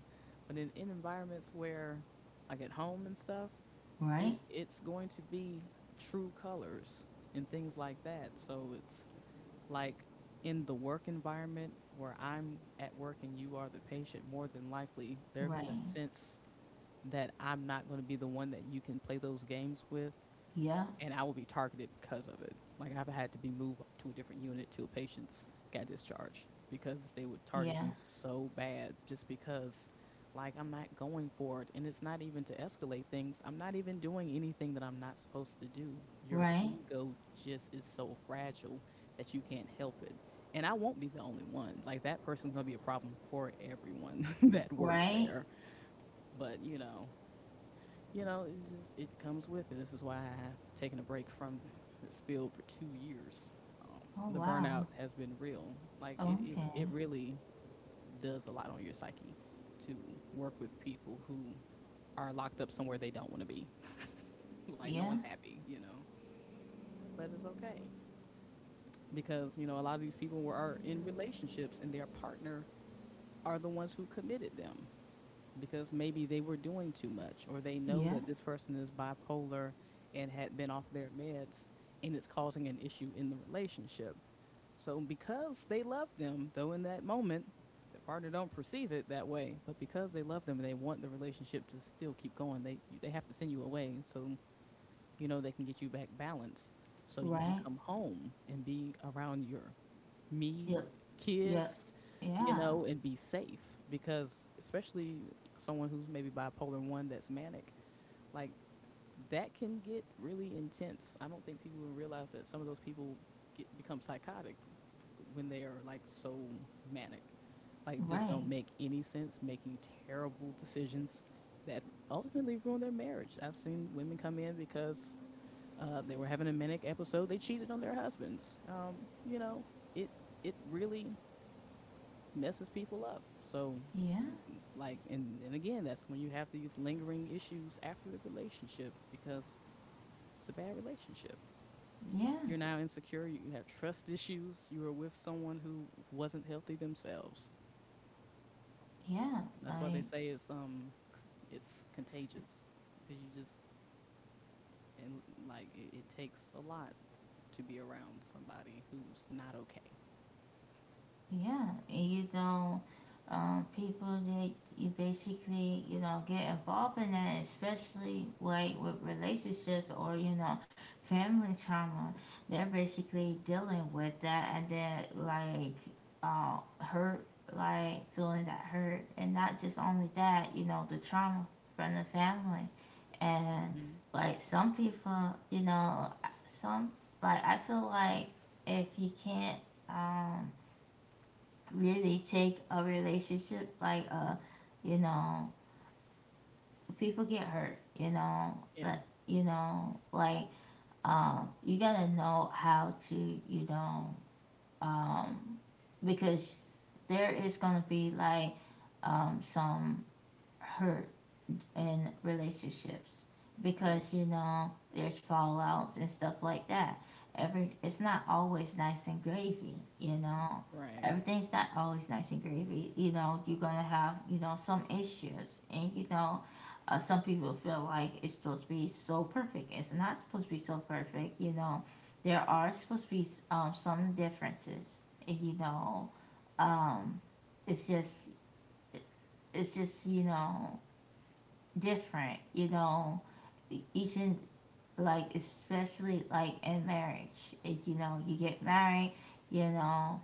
Speaker 2: But in environments where like at home and stuff,
Speaker 1: right,
Speaker 2: it's going to be true colors and things like that. So it's like in the work environment where I'm at work and you are the patient, more than likely they're going to
Speaker 1: right.
Speaker 2: sense that I'm not going to be the one that you can play those games with,
Speaker 1: Yeah,
Speaker 2: and I will be targeted because of it. Like I've had to be moved to a different unit till patients got discharged because they would target
Speaker 1: yeah,
Speaker 2: me so bad just because like I'm not going for it, and it's not even to escalate things. I'm not even doing anything that I'm not supposed to do. Your
Speaker 1: right,
Speaker 2: ego just is so fragile that you can't help it. And I won't be the only one. Like that person's going to be a problem for everyone that works
Speaker 1: right.
Speaker 2: there. But it's just, it comes with it. This is why I have taken a break from this field for 2 years. Um,
Speaker 1: Oh
Speaker 2: the
Speaker 1: wow.
Speaker 2: burnout has been real. Like it, it,
Speaker 1: Okay.
Speaker 2: it really does a lot on your psyche to work with people who are locked up somewhere they don't want to be. Like no
Speaker 1: Yeah,
Speaker 2: one's happy. But it's okay because you know a lot of these people were are in relationships, and their partner are the ones who committed them because maybe they were doing too much, or they know
Speaker 1: yeah,
Speaker 2: that this person is bipolar and had been off their meds, and it's causing an issue in the relationship. So because they love them, though in that moment their partner don't perceive it that way, but because they love them and they want the relationship to still keep going, they have to send you away so you know they can get you back balance so you can
Speaker 1: right.
Speaker 2: come home and be around your
Speaker 1: Yep,
Speaker 2: me,
Speaker 1: yep.
Speaker 2: kids, you
Speaker 1: Yeah,
Speaker 2: know, and be safe because especially someone who's maybe bipolar one that's manic, like that can get really intense. I don't think people would realize that some of those people get become psychotic when they are like so manic. Like just
Speaker 1: right.
Speaker 2: don't make any sense, making terrible decisions that ultimately ruin their marriage. I've seen women come in because they were having a manic episode. They cheated on their husbands. It it really messes people up. So,
Speaker 1: Yeah,
Speaker 2: like, and again, that's when you have these lingering issues after the relationship because it's a bad relationship.
Speaker 1: yeah,
Speaker 2: You're now insecure, you have trust issues, you were with someone who wasn't healthy themselves.
Speaker 1: yeah.
Speaker 2: And that's why
Speaker 1: I
Speaker 2: they say it's contagious because you just and like it takes a lot to be around somebody who's not okay.
Speaker 1: yeah, and you know, people that you basically you know get involved in that, especially like with relationships or you know family trauma, they're basically dealing with that, and then like uh hurt, like feeling that hurt, and not just only that, you know, the trauma from the family, and
Speaker 2: hmm
Speaker 1: like some people, you know, some, like, I feel like if you can't um really take a relationship like you know, people get hurt you know,
Speaker 2: Yeah.
Speaker 1: that you know, like, you gotta know how to you know um because there is gonna be like some hurt in relationships
Speaker 2: Right.
Speaker 1: because you know there's fallouts and stuff like that. Every it's not always nice and gravy, you know.
Speaker 2: Right.
Speaker 1: Everything's not always nice and gravy. You know, you're gonna have you know some issues, and you know, some people feel like it's supposed to be so perfect. It's not supposed to be so perfect, you know. There are supposed to be, some differences, and, you know. Um, it's just, it's just you know, different, you know. Each and, like, especially like in marriage. You know, you get married, you know,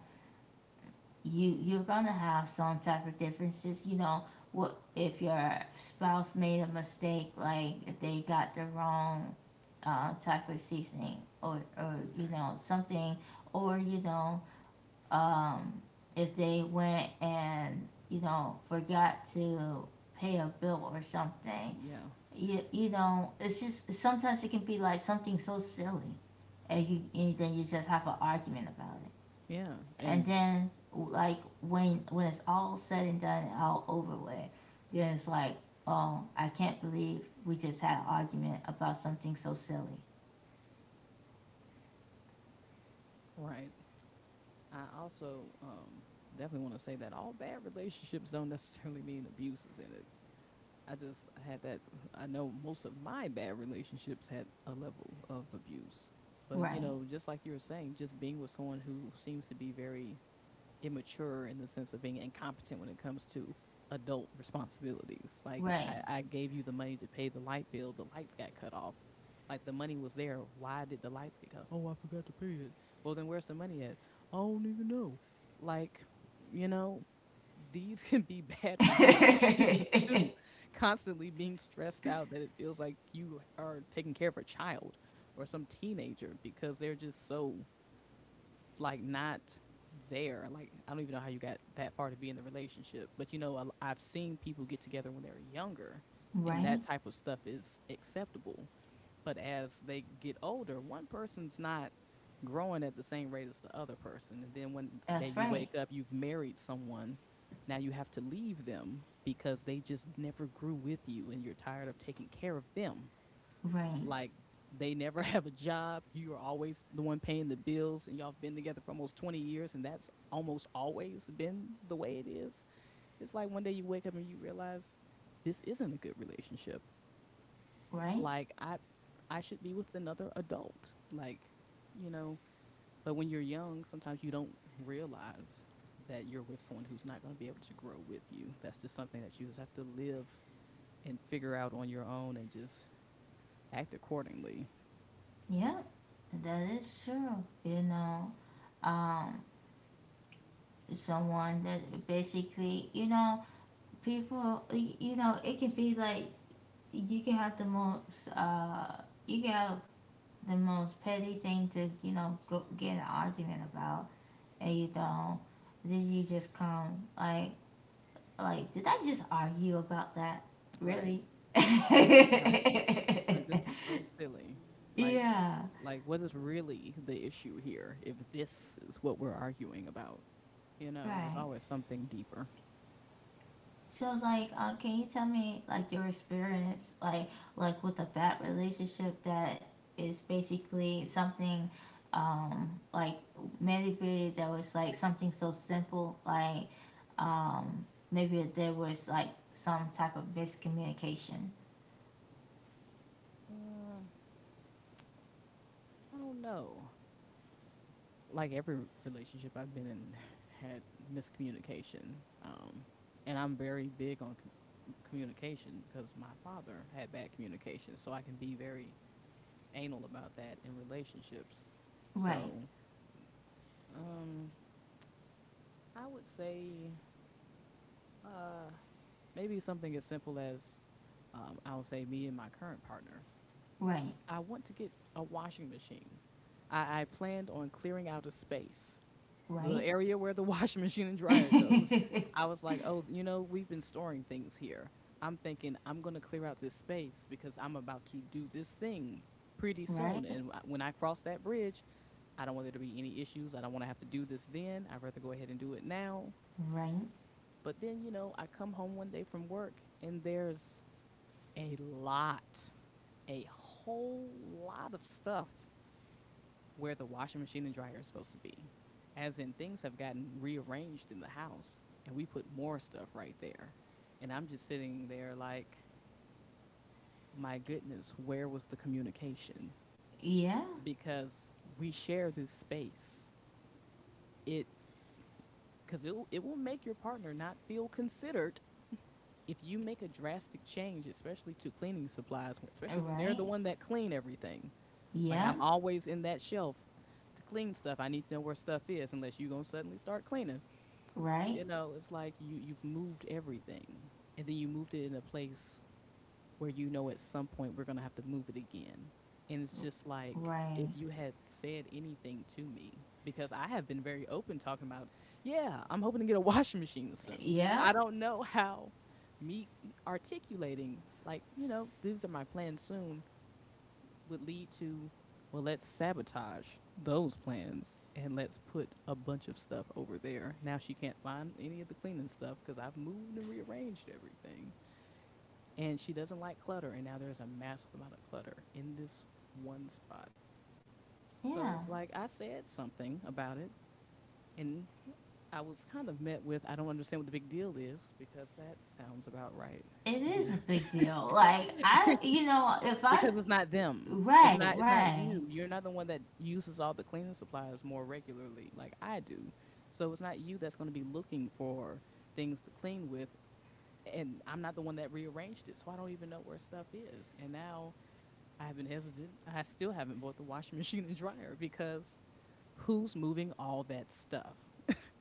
Speaker 1: you you're gonna have some type of differences, you know. What if your spouse made a mistake, like they got the wrong type of seasoning, or you
Speaker 2: Right.
Speaker 1: know something, or you know um, if they went and you know forgot to pay a bill or something
Speaker 2: Yeah.
Speaker 1: you know, it's just sometimes it can be like something so silly, and you and then you just have an argument about it,
Speaker 2: Yeah.
Speaker 1: and
Speaker 2: And
Speaker 1: then like when it's all said and done and all over with, then it's like, oh, I can't believe we just had an argument about something so silly.
Speaker 2: right. I also definitely want to say that all bad relationships don't necessarily mean abuses in it. I just had that. I know most of my bad relationships had a level of abuse. But, you
Speaker 1: Right,
Speaker 2: know, just like you were saying, just being with someone who seems to be very immature in the sense of being incompetent when it comes to adult responsibilities. Like
Speaker 1: right,
Speaker 2: I gave you the money to pay the light bill, the lights got cut off. Like the money was there. Why did the lights get cut off? Oh, I forgot to pay it. Well then where's the money at? I don't even know. Like, you know, these can be bad relationships too. Constantly being stressed out that it feels like you are taking care of a child or some teenager because they're just so like not there. Like I don't even know how you got that far to be in the relationship, but you know have seen people get together when they're younger, and
Speaker 1: right.
Speaker 2: that type of stuff is acceptable. But as they get older, one person's not growing at the same rate as the other person, and then one day
Speaker 1: That's
Speaker 2: you
Speaker 1: right,
Speaker 2: wake up, you've married someone. Now you have to leave them because they just never grew with you, and you're tired of taking care of them
Speaker 1: right,
Speaker 2: like they never have a job. You are always the one paying the bills, and y'all have been together for almost 20 years, and that's almost always been the way it is. It's like one day you wake up and you realize this isn't a good relationship.
Speaker 1: right.
Speaker 2: Like I should be with another adult. Like, you know, but when you're young, sometimes you don't realize that you're with someone who's not going to be able to grow with you. That's just something that you just have to live and figure out on your own and just act accordingly.
Speaker 1: Yeah, that is true. You know, um, someone that basically, you know, people, you know, it can be like you can have the most, you can have the most petty thing to, you know, go get an argument about, and you don't. Did you just come like, did I just argue about that?
Speaker 2: Right.
Speaker 1: Really?
Speaker 2: Right. Like this was so silly. Like
Speaker 1: yeah,
Speaker 2: like what is really the issue here if this is what we're arguing about? You know, there's
Speaker 1: right.
Speaker 2: always something deeper.
Speaker 1: So like, can you tell me like your experience like with a bad relationship that is basically something like meditated that was like something so simple like um maybe there was like some type of miscommunication.
Speaker 2: Uh, I don't know. Like every relationship I've been in had miscommunication. Um and I'm very big on communication because my father had bad communication, so I can be very anal about that in relationships.
Speaker 1: Right.
Speaker 2: So, um I would say uh maybe something as simple as I would say, me and my current partner,
Speaker 1: Right.
Speaker 2: I want to get a washing machine. I planned on clearing out a space, the
Speaker 1: Right.
Speaker 2: area where the washing machine and dryer goes. I was like, oh, you know, we've been storing things here. I'm thinking I'm going to clear out this space because I'm about to do this thing pretty soon.
Speaker 1: right.
Speaker 2: And when I cross that bridge, I don't want there to be any issues. I don't want to have to do this then. I'd rather go ahead and do it now.
Speaker 1: Right.
Speaker 2: But then, you know, I come home one day from work and there's a lot, a whole lot of stuff where the washing machine and dryer is supposed to be. As in, things have gotten rearranged in the house, and we put more stuff right there. And I'm just sitting there like, my goodness, where was the communication?
Speaker 1: Yeah.
Speaker 2: Because we share this space. It it will make your partner not feel considered if you make a drastic change, especially to cleaning supplies, especially when they're
Speaker 1: Right.
Speaker 2: the one that clean everything. Like
Speaker 1: Yeah.
Speaker 2: I'm always in that shelf to clean stuff. I need to know where stuff is unless you gonna suddenly start cleaning.
Speaker 1: Right.
Speaker 2: You know, it's like you've moved everything, and then you moved it in a place where you know at some point we're gonna have to move it again. And it's just like if
Speaker 1: Right.
Speaker 2: you had said anything to me, because I have been very open talking about, yeah, I'm hoping to get a washing machine soon. I
Speaker 1: Yeah.
Speaker 2: don't know how me articulating like, you know, these are my plans soon would lead to, well, let's sabotage those plans and let's put a bunch of stuff over there. Now she can't find any of the cleaning stuff because I've moved and rearranged everything. And she doesn't like clutter. And now there's a massive amount of clutter in this one spot. So
Speaker 1: Yeah.
Speaker 2: it's like I said something about it, and I was kind of met with, I don't understand what the big deal is because that sounds about right.
Speaker 1: It
Speaker 2: Yeah.
Speaker 1: is a big deal. Like I, you know, if I,
Speaker 2: Because it's not them.
Speaker 1: right,
Speaker 2: It's not
Speaker 1: right,
Speaker 2: you. You're not the one that uses all the cleaning supplies more regularly like I do. So it's not you that's going to be looking for things to clean with, and I'm not the one that rearranged it. So I don't even know where stuff is. And now I have been hesitant. I still haven't bought the washing machine and dryer because who's moving all that stuff?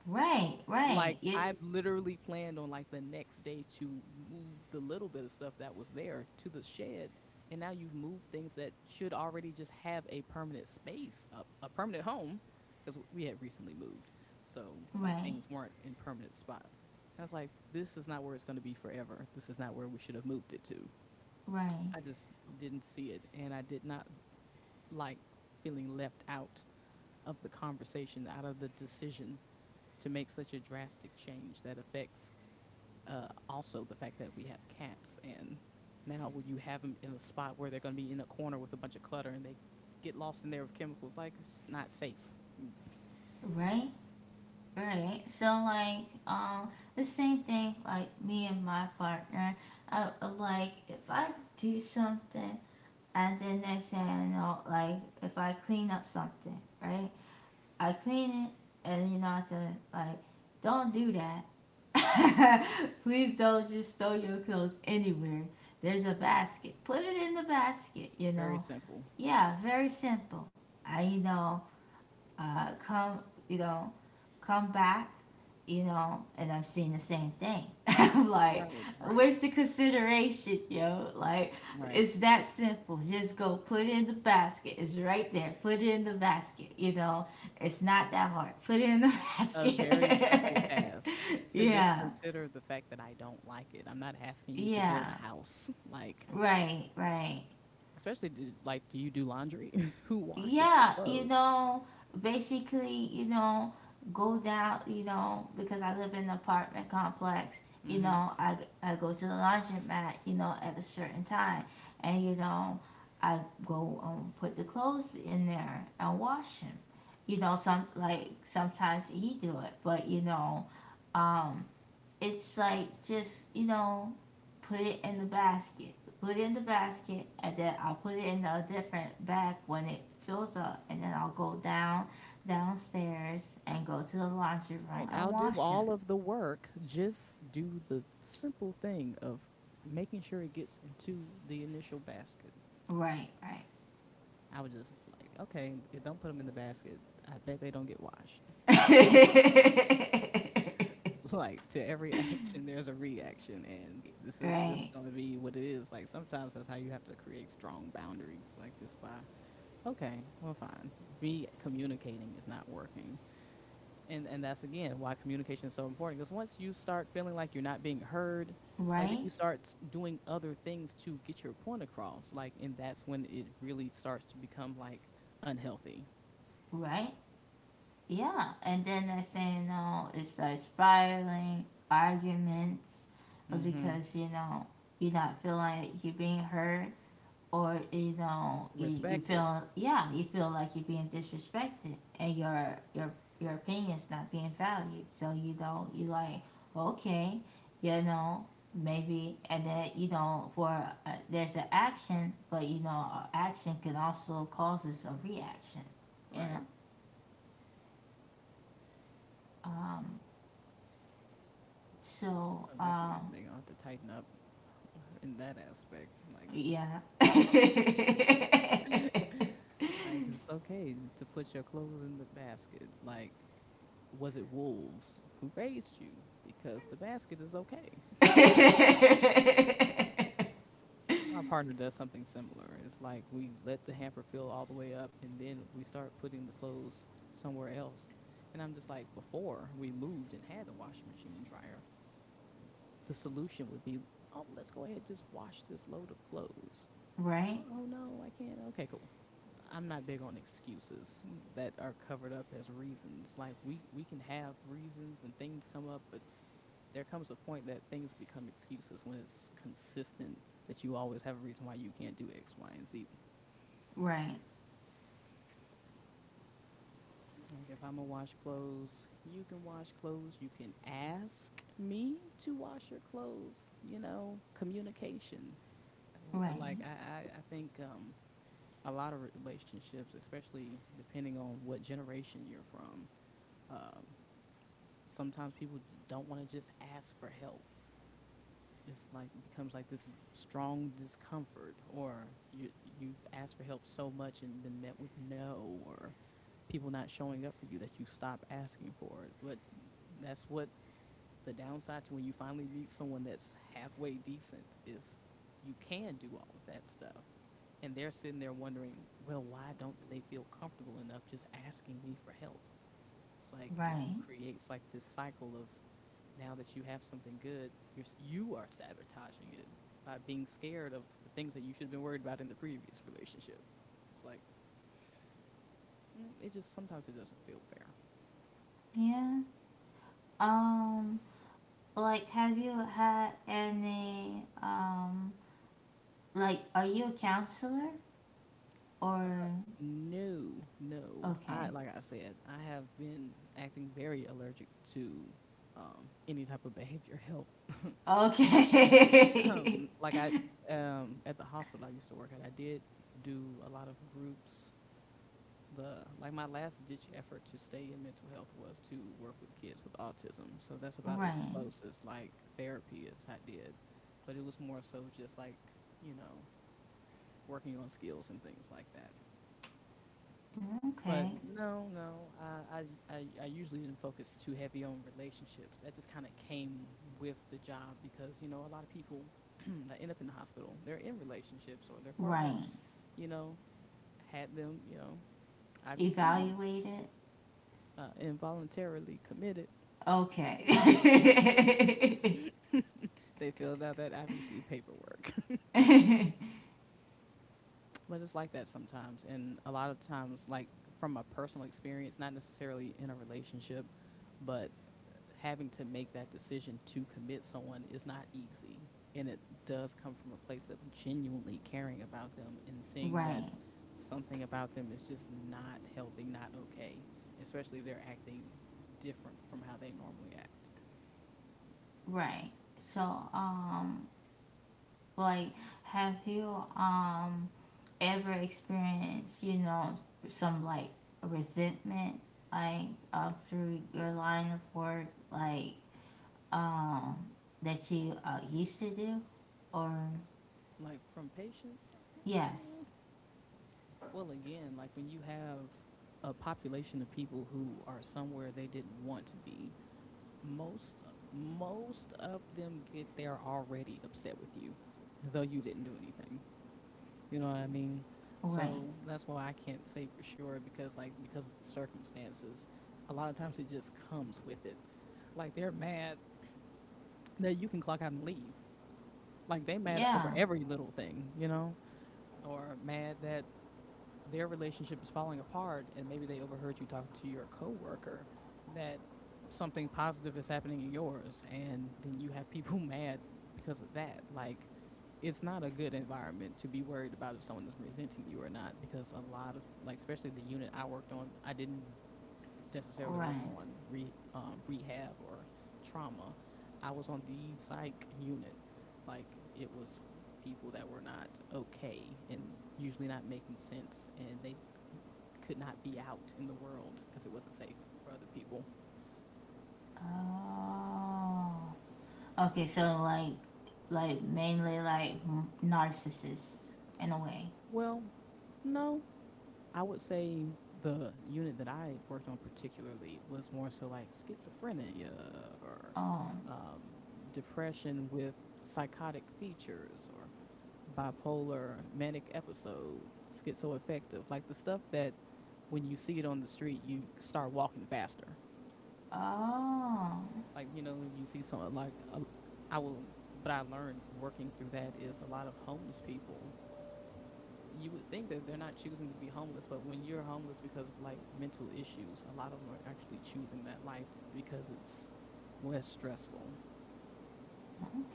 Speaker 1: right, right,
Speaker 2: Like, I literally planned on, like, the next day to move the little bit of stuff that was there to the shed, and now you've moved things that should already just have a permanent space, a permanent home, because we had recently moved, so, like,
Speaker 1: right,
Speaker 2: things weren't in permanent spots. I was like, "This is not where it's gonna be forever. "This is not where we should have moved it to."
Speaker 1: right,
Speaker 2: I just didn't see it, and I did not like feeling left out of the conversation, out of the decision to make such a drastic change that affects also the fact that we have cats and now you have them in a spot where they're going to be in a corner with a bunch of clutter and they get lost in there with chemicals. Like, it's not safe. Mm.
Speaker 1: right, right. So like, the same thing. Like me and my partner, I like if I do something and then they thing I know, like if I clean up something, right? I clean it and you know I said like, don't do that Please don't just throw your clothes anywhere. There's a basket. Put it in the basket, you
Speaker 2: Very
Speaker 1: know.
Speaker 2: simple.
Speaker 1: Yeah, very simple. I, you know, come, you know, come back, you know, and I have seen the same thing. I'm like,
Speaker 2: Right, right.
Speaker 1: where's the consideration, yo? Like,
Speaker 2: Right.
Speaker 1: it's that simple. Just go put it in the basket. It's right there. Put it in the basket, you know. It's not that hard. Put it in the
Speaker 2: A very simple
Speaker 1: basket.
Speaker 2: task to just
Speaker 1: yeah.
Speaker 2: consider the fact that I don't like it. I'm not asking you to build
Speaker 1: Yeah,
Speaker 2: a house. Like,
Speaker 1: right, right.
Speaker 2: especially like, do you do laundry? Who washes the
Speaker 1: Yeah, you
Speaker 2: clothes?
Speaker 1: know, basically, you know, go down, you know, because I live in an apartment complex, you
Speaker 2: Mm-hmm.
Speaker 1: know, I, I go to the laundromat, you know, at a certain time. And, you know, I go put the clothes in there and wash them. You know, some like sometimes he do it, but you know, um, it's like just you know put it in the basket put it in the basket and then I'll put it in a different bag when it fills up and then I'll go down downstairs and go to the laundry
Speaker 2: Right.
Speaker 1: room and
Speaker 2: I'll do
Speaker 1: wash them
Speaker 2: all of the work. Just do the simple thing of making sure it gets into the initial basket.
Speaker 1: right right
Speaker 2: I was just like, okay, don't put them in the basket. I bet they don't get washed. Like to every action, there's a reaction, and this is just
Speaker 1: right
Speaker 2: gonna be what it is. Like sometimes that's how you have to create strong boundaries. Like just by, okay, well, fine. Me communicating is not working. And that's again why communication is so important because once you start feeling like you're not being heard, like then
Speaker 1: right
Speaker 2: you start doing other things to get your point across. Like and that's when it really starts to become like unhealthy.
Speaker 1: right yeah and then they're saying no it's like spiraling arguments
Speaker 2: Mm-hmm.
Speaker 1: because you know you're not feeling like you're being heard or you know you
Speaker 2: Respected.
Speaker 1: feel yeah you feel like you're being disrespected and your opinion's not being valued so you don't you like okay you know maybe and then you know for there's an action but you know action can also causes a reaction
Speaker 2: Right.
Speaker 1: and um so
Speaker 2: So definitely
Speaker 1: um
Speaker 2: they gonna have to tighten up in that aspect. Like
Speaker 1: yeah
Speaker 2: like it's okay to put your clothes in the basket. Like was it wolves who raised you? Because the basket is okay. My partner does something similar. It's like we let the hamper fill all the way up and then we start putting the clothes somewhere else. And I'm just like, before we moved and had the washing machine and dryer, the solution would be, oh, let's go ahead and just wash this load of clothes.
Speaker 1: right
Speaker 2: Oh no, I can't. Okay, cool. I'm not big on excuses that are covered up as reasons. Like we can have reasons and things come up, but there comes a point that things become excuses when it's consistent that you always have a reason why you can't do X, Y, and Z.
Speaker 1: right
Speaker 2: Like if I'm gonna wash clothes, you can wash clothes. You can ask me to wash your clothes. You know, communication. Oh,
Speaker 1: Right,
Speaker 2: like I think a lot of relationships, especially depending on what generation you're from, um, sometimes people don't want to just ask for help. It's like becomes like this strong discomfort, or you've asked for help so much and been met with no, or people not showing up for you that you stop asking for it. But that's what the downside to when you finally meet someone that's halfway decent is you can do all of that stuff. And they're sitting there wondering, well, why don't they feel comfortable enough just asking me for help? It's like it
Speaker 1: right.
Speaker 2: creates like this cycle of now that you have something good, you are sabotaging it by being scared of the things that you should have been worried about in the previous relationship. It's like it just sometimes it doesn't feel fair.
Speaker 1: Yeah. Um, like, have you had any, like, are you a counselor
Speaker 2: Uh,
Speaker 1: or,
Speaker 2: No, no. I
Speaker 1: okay.
Speaker 2: like I said, I have been acting very allergic to any type of behavior health work.
Speaker 1: Okay.
Speaker 2: Like I at the hospital I used to work at, I did do a lot of groups. The like my last ditch effort to stay in mental health was to work with kids with autism. So that's about as
Speaker 1: Right.
Speaker 2: close as like therapy as I did, but it was more so just like you know working on skills and things like that.
Speaker 1: Okay.
Speaker 2: But no, no, I usually didn't focus too heavy on relationships. That just kind of came with the job because, you know, a lot of people that end up in the hospital, they're in relationships or their partner,
Speaker 1: Right.
Speaker 2: you know, had them, you know, IVC'd,
Speaker 1: evaluated.
Speaker 2: involuntarily committed.
Speaker 1: Okay.
Speaker 2: They filled out that IVC paperwork. But it's like that sometimes. And a lot of times, like from a personal experience, not necessarily in a relationship, but having to make that decision to commit someone is not easy. And it does come from a place of genuinely caring about them and seeing that
Speaker 1: Right,
Speaker 2: something about them is just not healthy, not okay, especially if they're acting different from how they normally act.
Speaker 1: right. So, like, have you, ever experienced, you know, some like resentment, like through your line of work, like um, that you used to do, or
Speaker 2: Like from patients,
Speaker 1: yes,
Speaker 2: mm, well, again, like when you have a population of people who are somewhere they didn't want to be, most most of them get there already upset with you, though you didn't do anything. You know what I mean?
Speaker 1: right,
Speaker 2: So that's why I can't say for sure because like because of the circumstances, a lot of times it just comes with it. Like they're mad that you can clock out and leave. Like they mad over
Speaker 1: yeah,
Speaker 2: every little thing, you know, or mad that their relationship is falling apart and maybe they overheard you talking to your coworker that something positive is happening in yours and then you have people mad because of that. Like it's not a good environment to be worried about if someone is resenting you or not because a lot of, like, especially the unit I worked on, I didn't necessarily work
Speaker 1: right.
Speaker 2: on rehab or trauma. I was on the psych unit. Like it was people that were not okay and usually not making sense and they could not be out in the world because it wasn't safe for other people.
Speaker 1: Oh, okay. So like mainly like m- narcissists in a way.
Speaker 2: Well, no. I would say the unit that I worked on particularly was more so like schizophrenia or
Speaker 1: Oh,
Speaker 2: um, depression with psychotic features or bipolar manic episode, schizoaffective, like the stuff that when you see it on the street, you start walking faster.
Speaker 1: oh,
Speaker 2: Like, you know, you see something like, I will, but I learned working through that is a lot of homeless people you would think that they're not choosing to be homeless, but when you're homeless because of like mental issues, a lot of them are actually choosing that life because it's less stressful.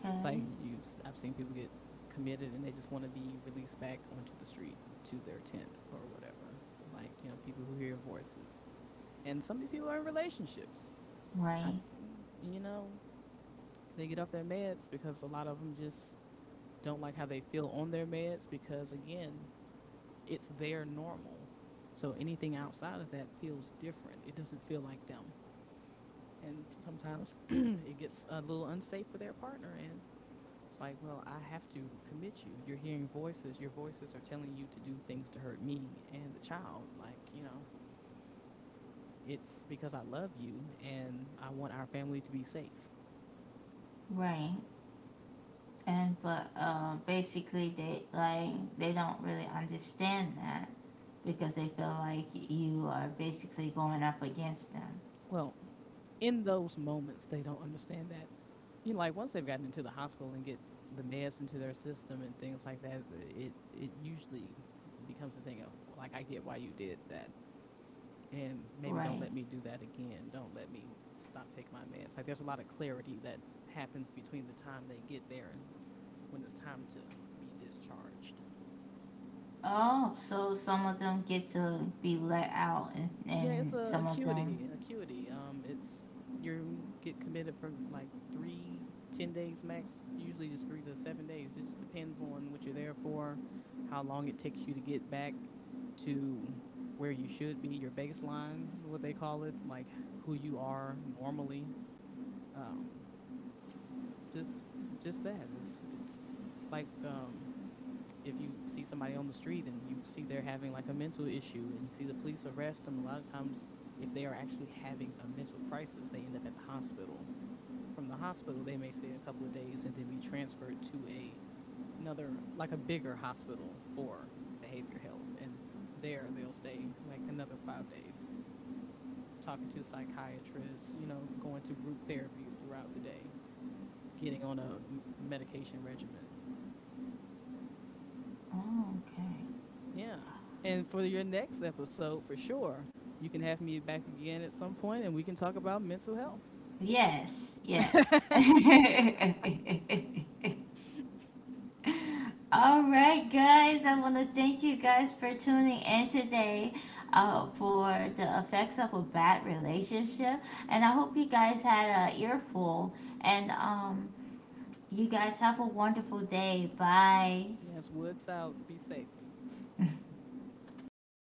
Speaker 1: okay,
Speaker 2: Like you, I've seen people get committed and they just want to be released back onto the street to their tent or whatever. Like you know, people who hear voices, and some of these people are in relationships. I,
Speaker 1: right,
Speaker 2: you know, they get off their meds because a lot of them just don't like how they feel on their meds because again, it's their normal. So anything outside of that feels different. It doesn't feel like them. And sometimes it gets a little unsafe for their partner. And it's like, well, I have to commit you. You're hearing voices. Your voices are telling you to do things to hurt me and the child. Like, you know, it's because I love you and I want our family to be safe.
Speaker 1: right. And but basically they like they don't really understand that because they feel like you are basically going up against them
Speaker 2: Well, in those moments they don't understand that, you know, like once they've gotten into the hospital and get the meds into their system and things like that, it usually becomes a thing of like I get why you did that, and maybe don't
Speaker 1: right
Speaker 2: let me do that again. Don't let me stop taking my meds. Like there's a lot of clarity that happens between the time they get there and when it's time to be discharged.
Speaker 1: oh so some of them get to be
Speaker 2: Yeah, it's
Speaker 1: and
Speaker 2: a
Speaker 1: some of them
Speaker 2: acuity. It's you get committed for like 3, 10 days max. Usually just 3 to 7 days. It just depends on what you're there for, how long it takes you to get back to where you should be, your baseline, what they call it, like who you are normally. Um, just, just that. It's like if you see somebody on the street and you see they're having like a mental issue and you see the police arrest them, a lot of times, if they are actually having a mental crisis, they end up at the hospital. From the hospital, they may stay a couple of days and then be transferred to a another like a bigger hospital for behavior health, and there they'll stay like another 5 days, talking to psychiatrists, you know, going to group therapies throughout the day, getting on a medication regimen.
Speaker 1: oh, okay
Speaker 2: Yeah. And for your next episode, for sure, you can have me back again at some point and we can talk about mental health.
Speaker 1: yes yes All right, guys. I want to thank you guys for tuning in today for the effects of a bad relationship, and I hope you guys had an earful. And you guys have a wonderful day. Bye.
Speaker 2: Yes, Woods out. Be safe.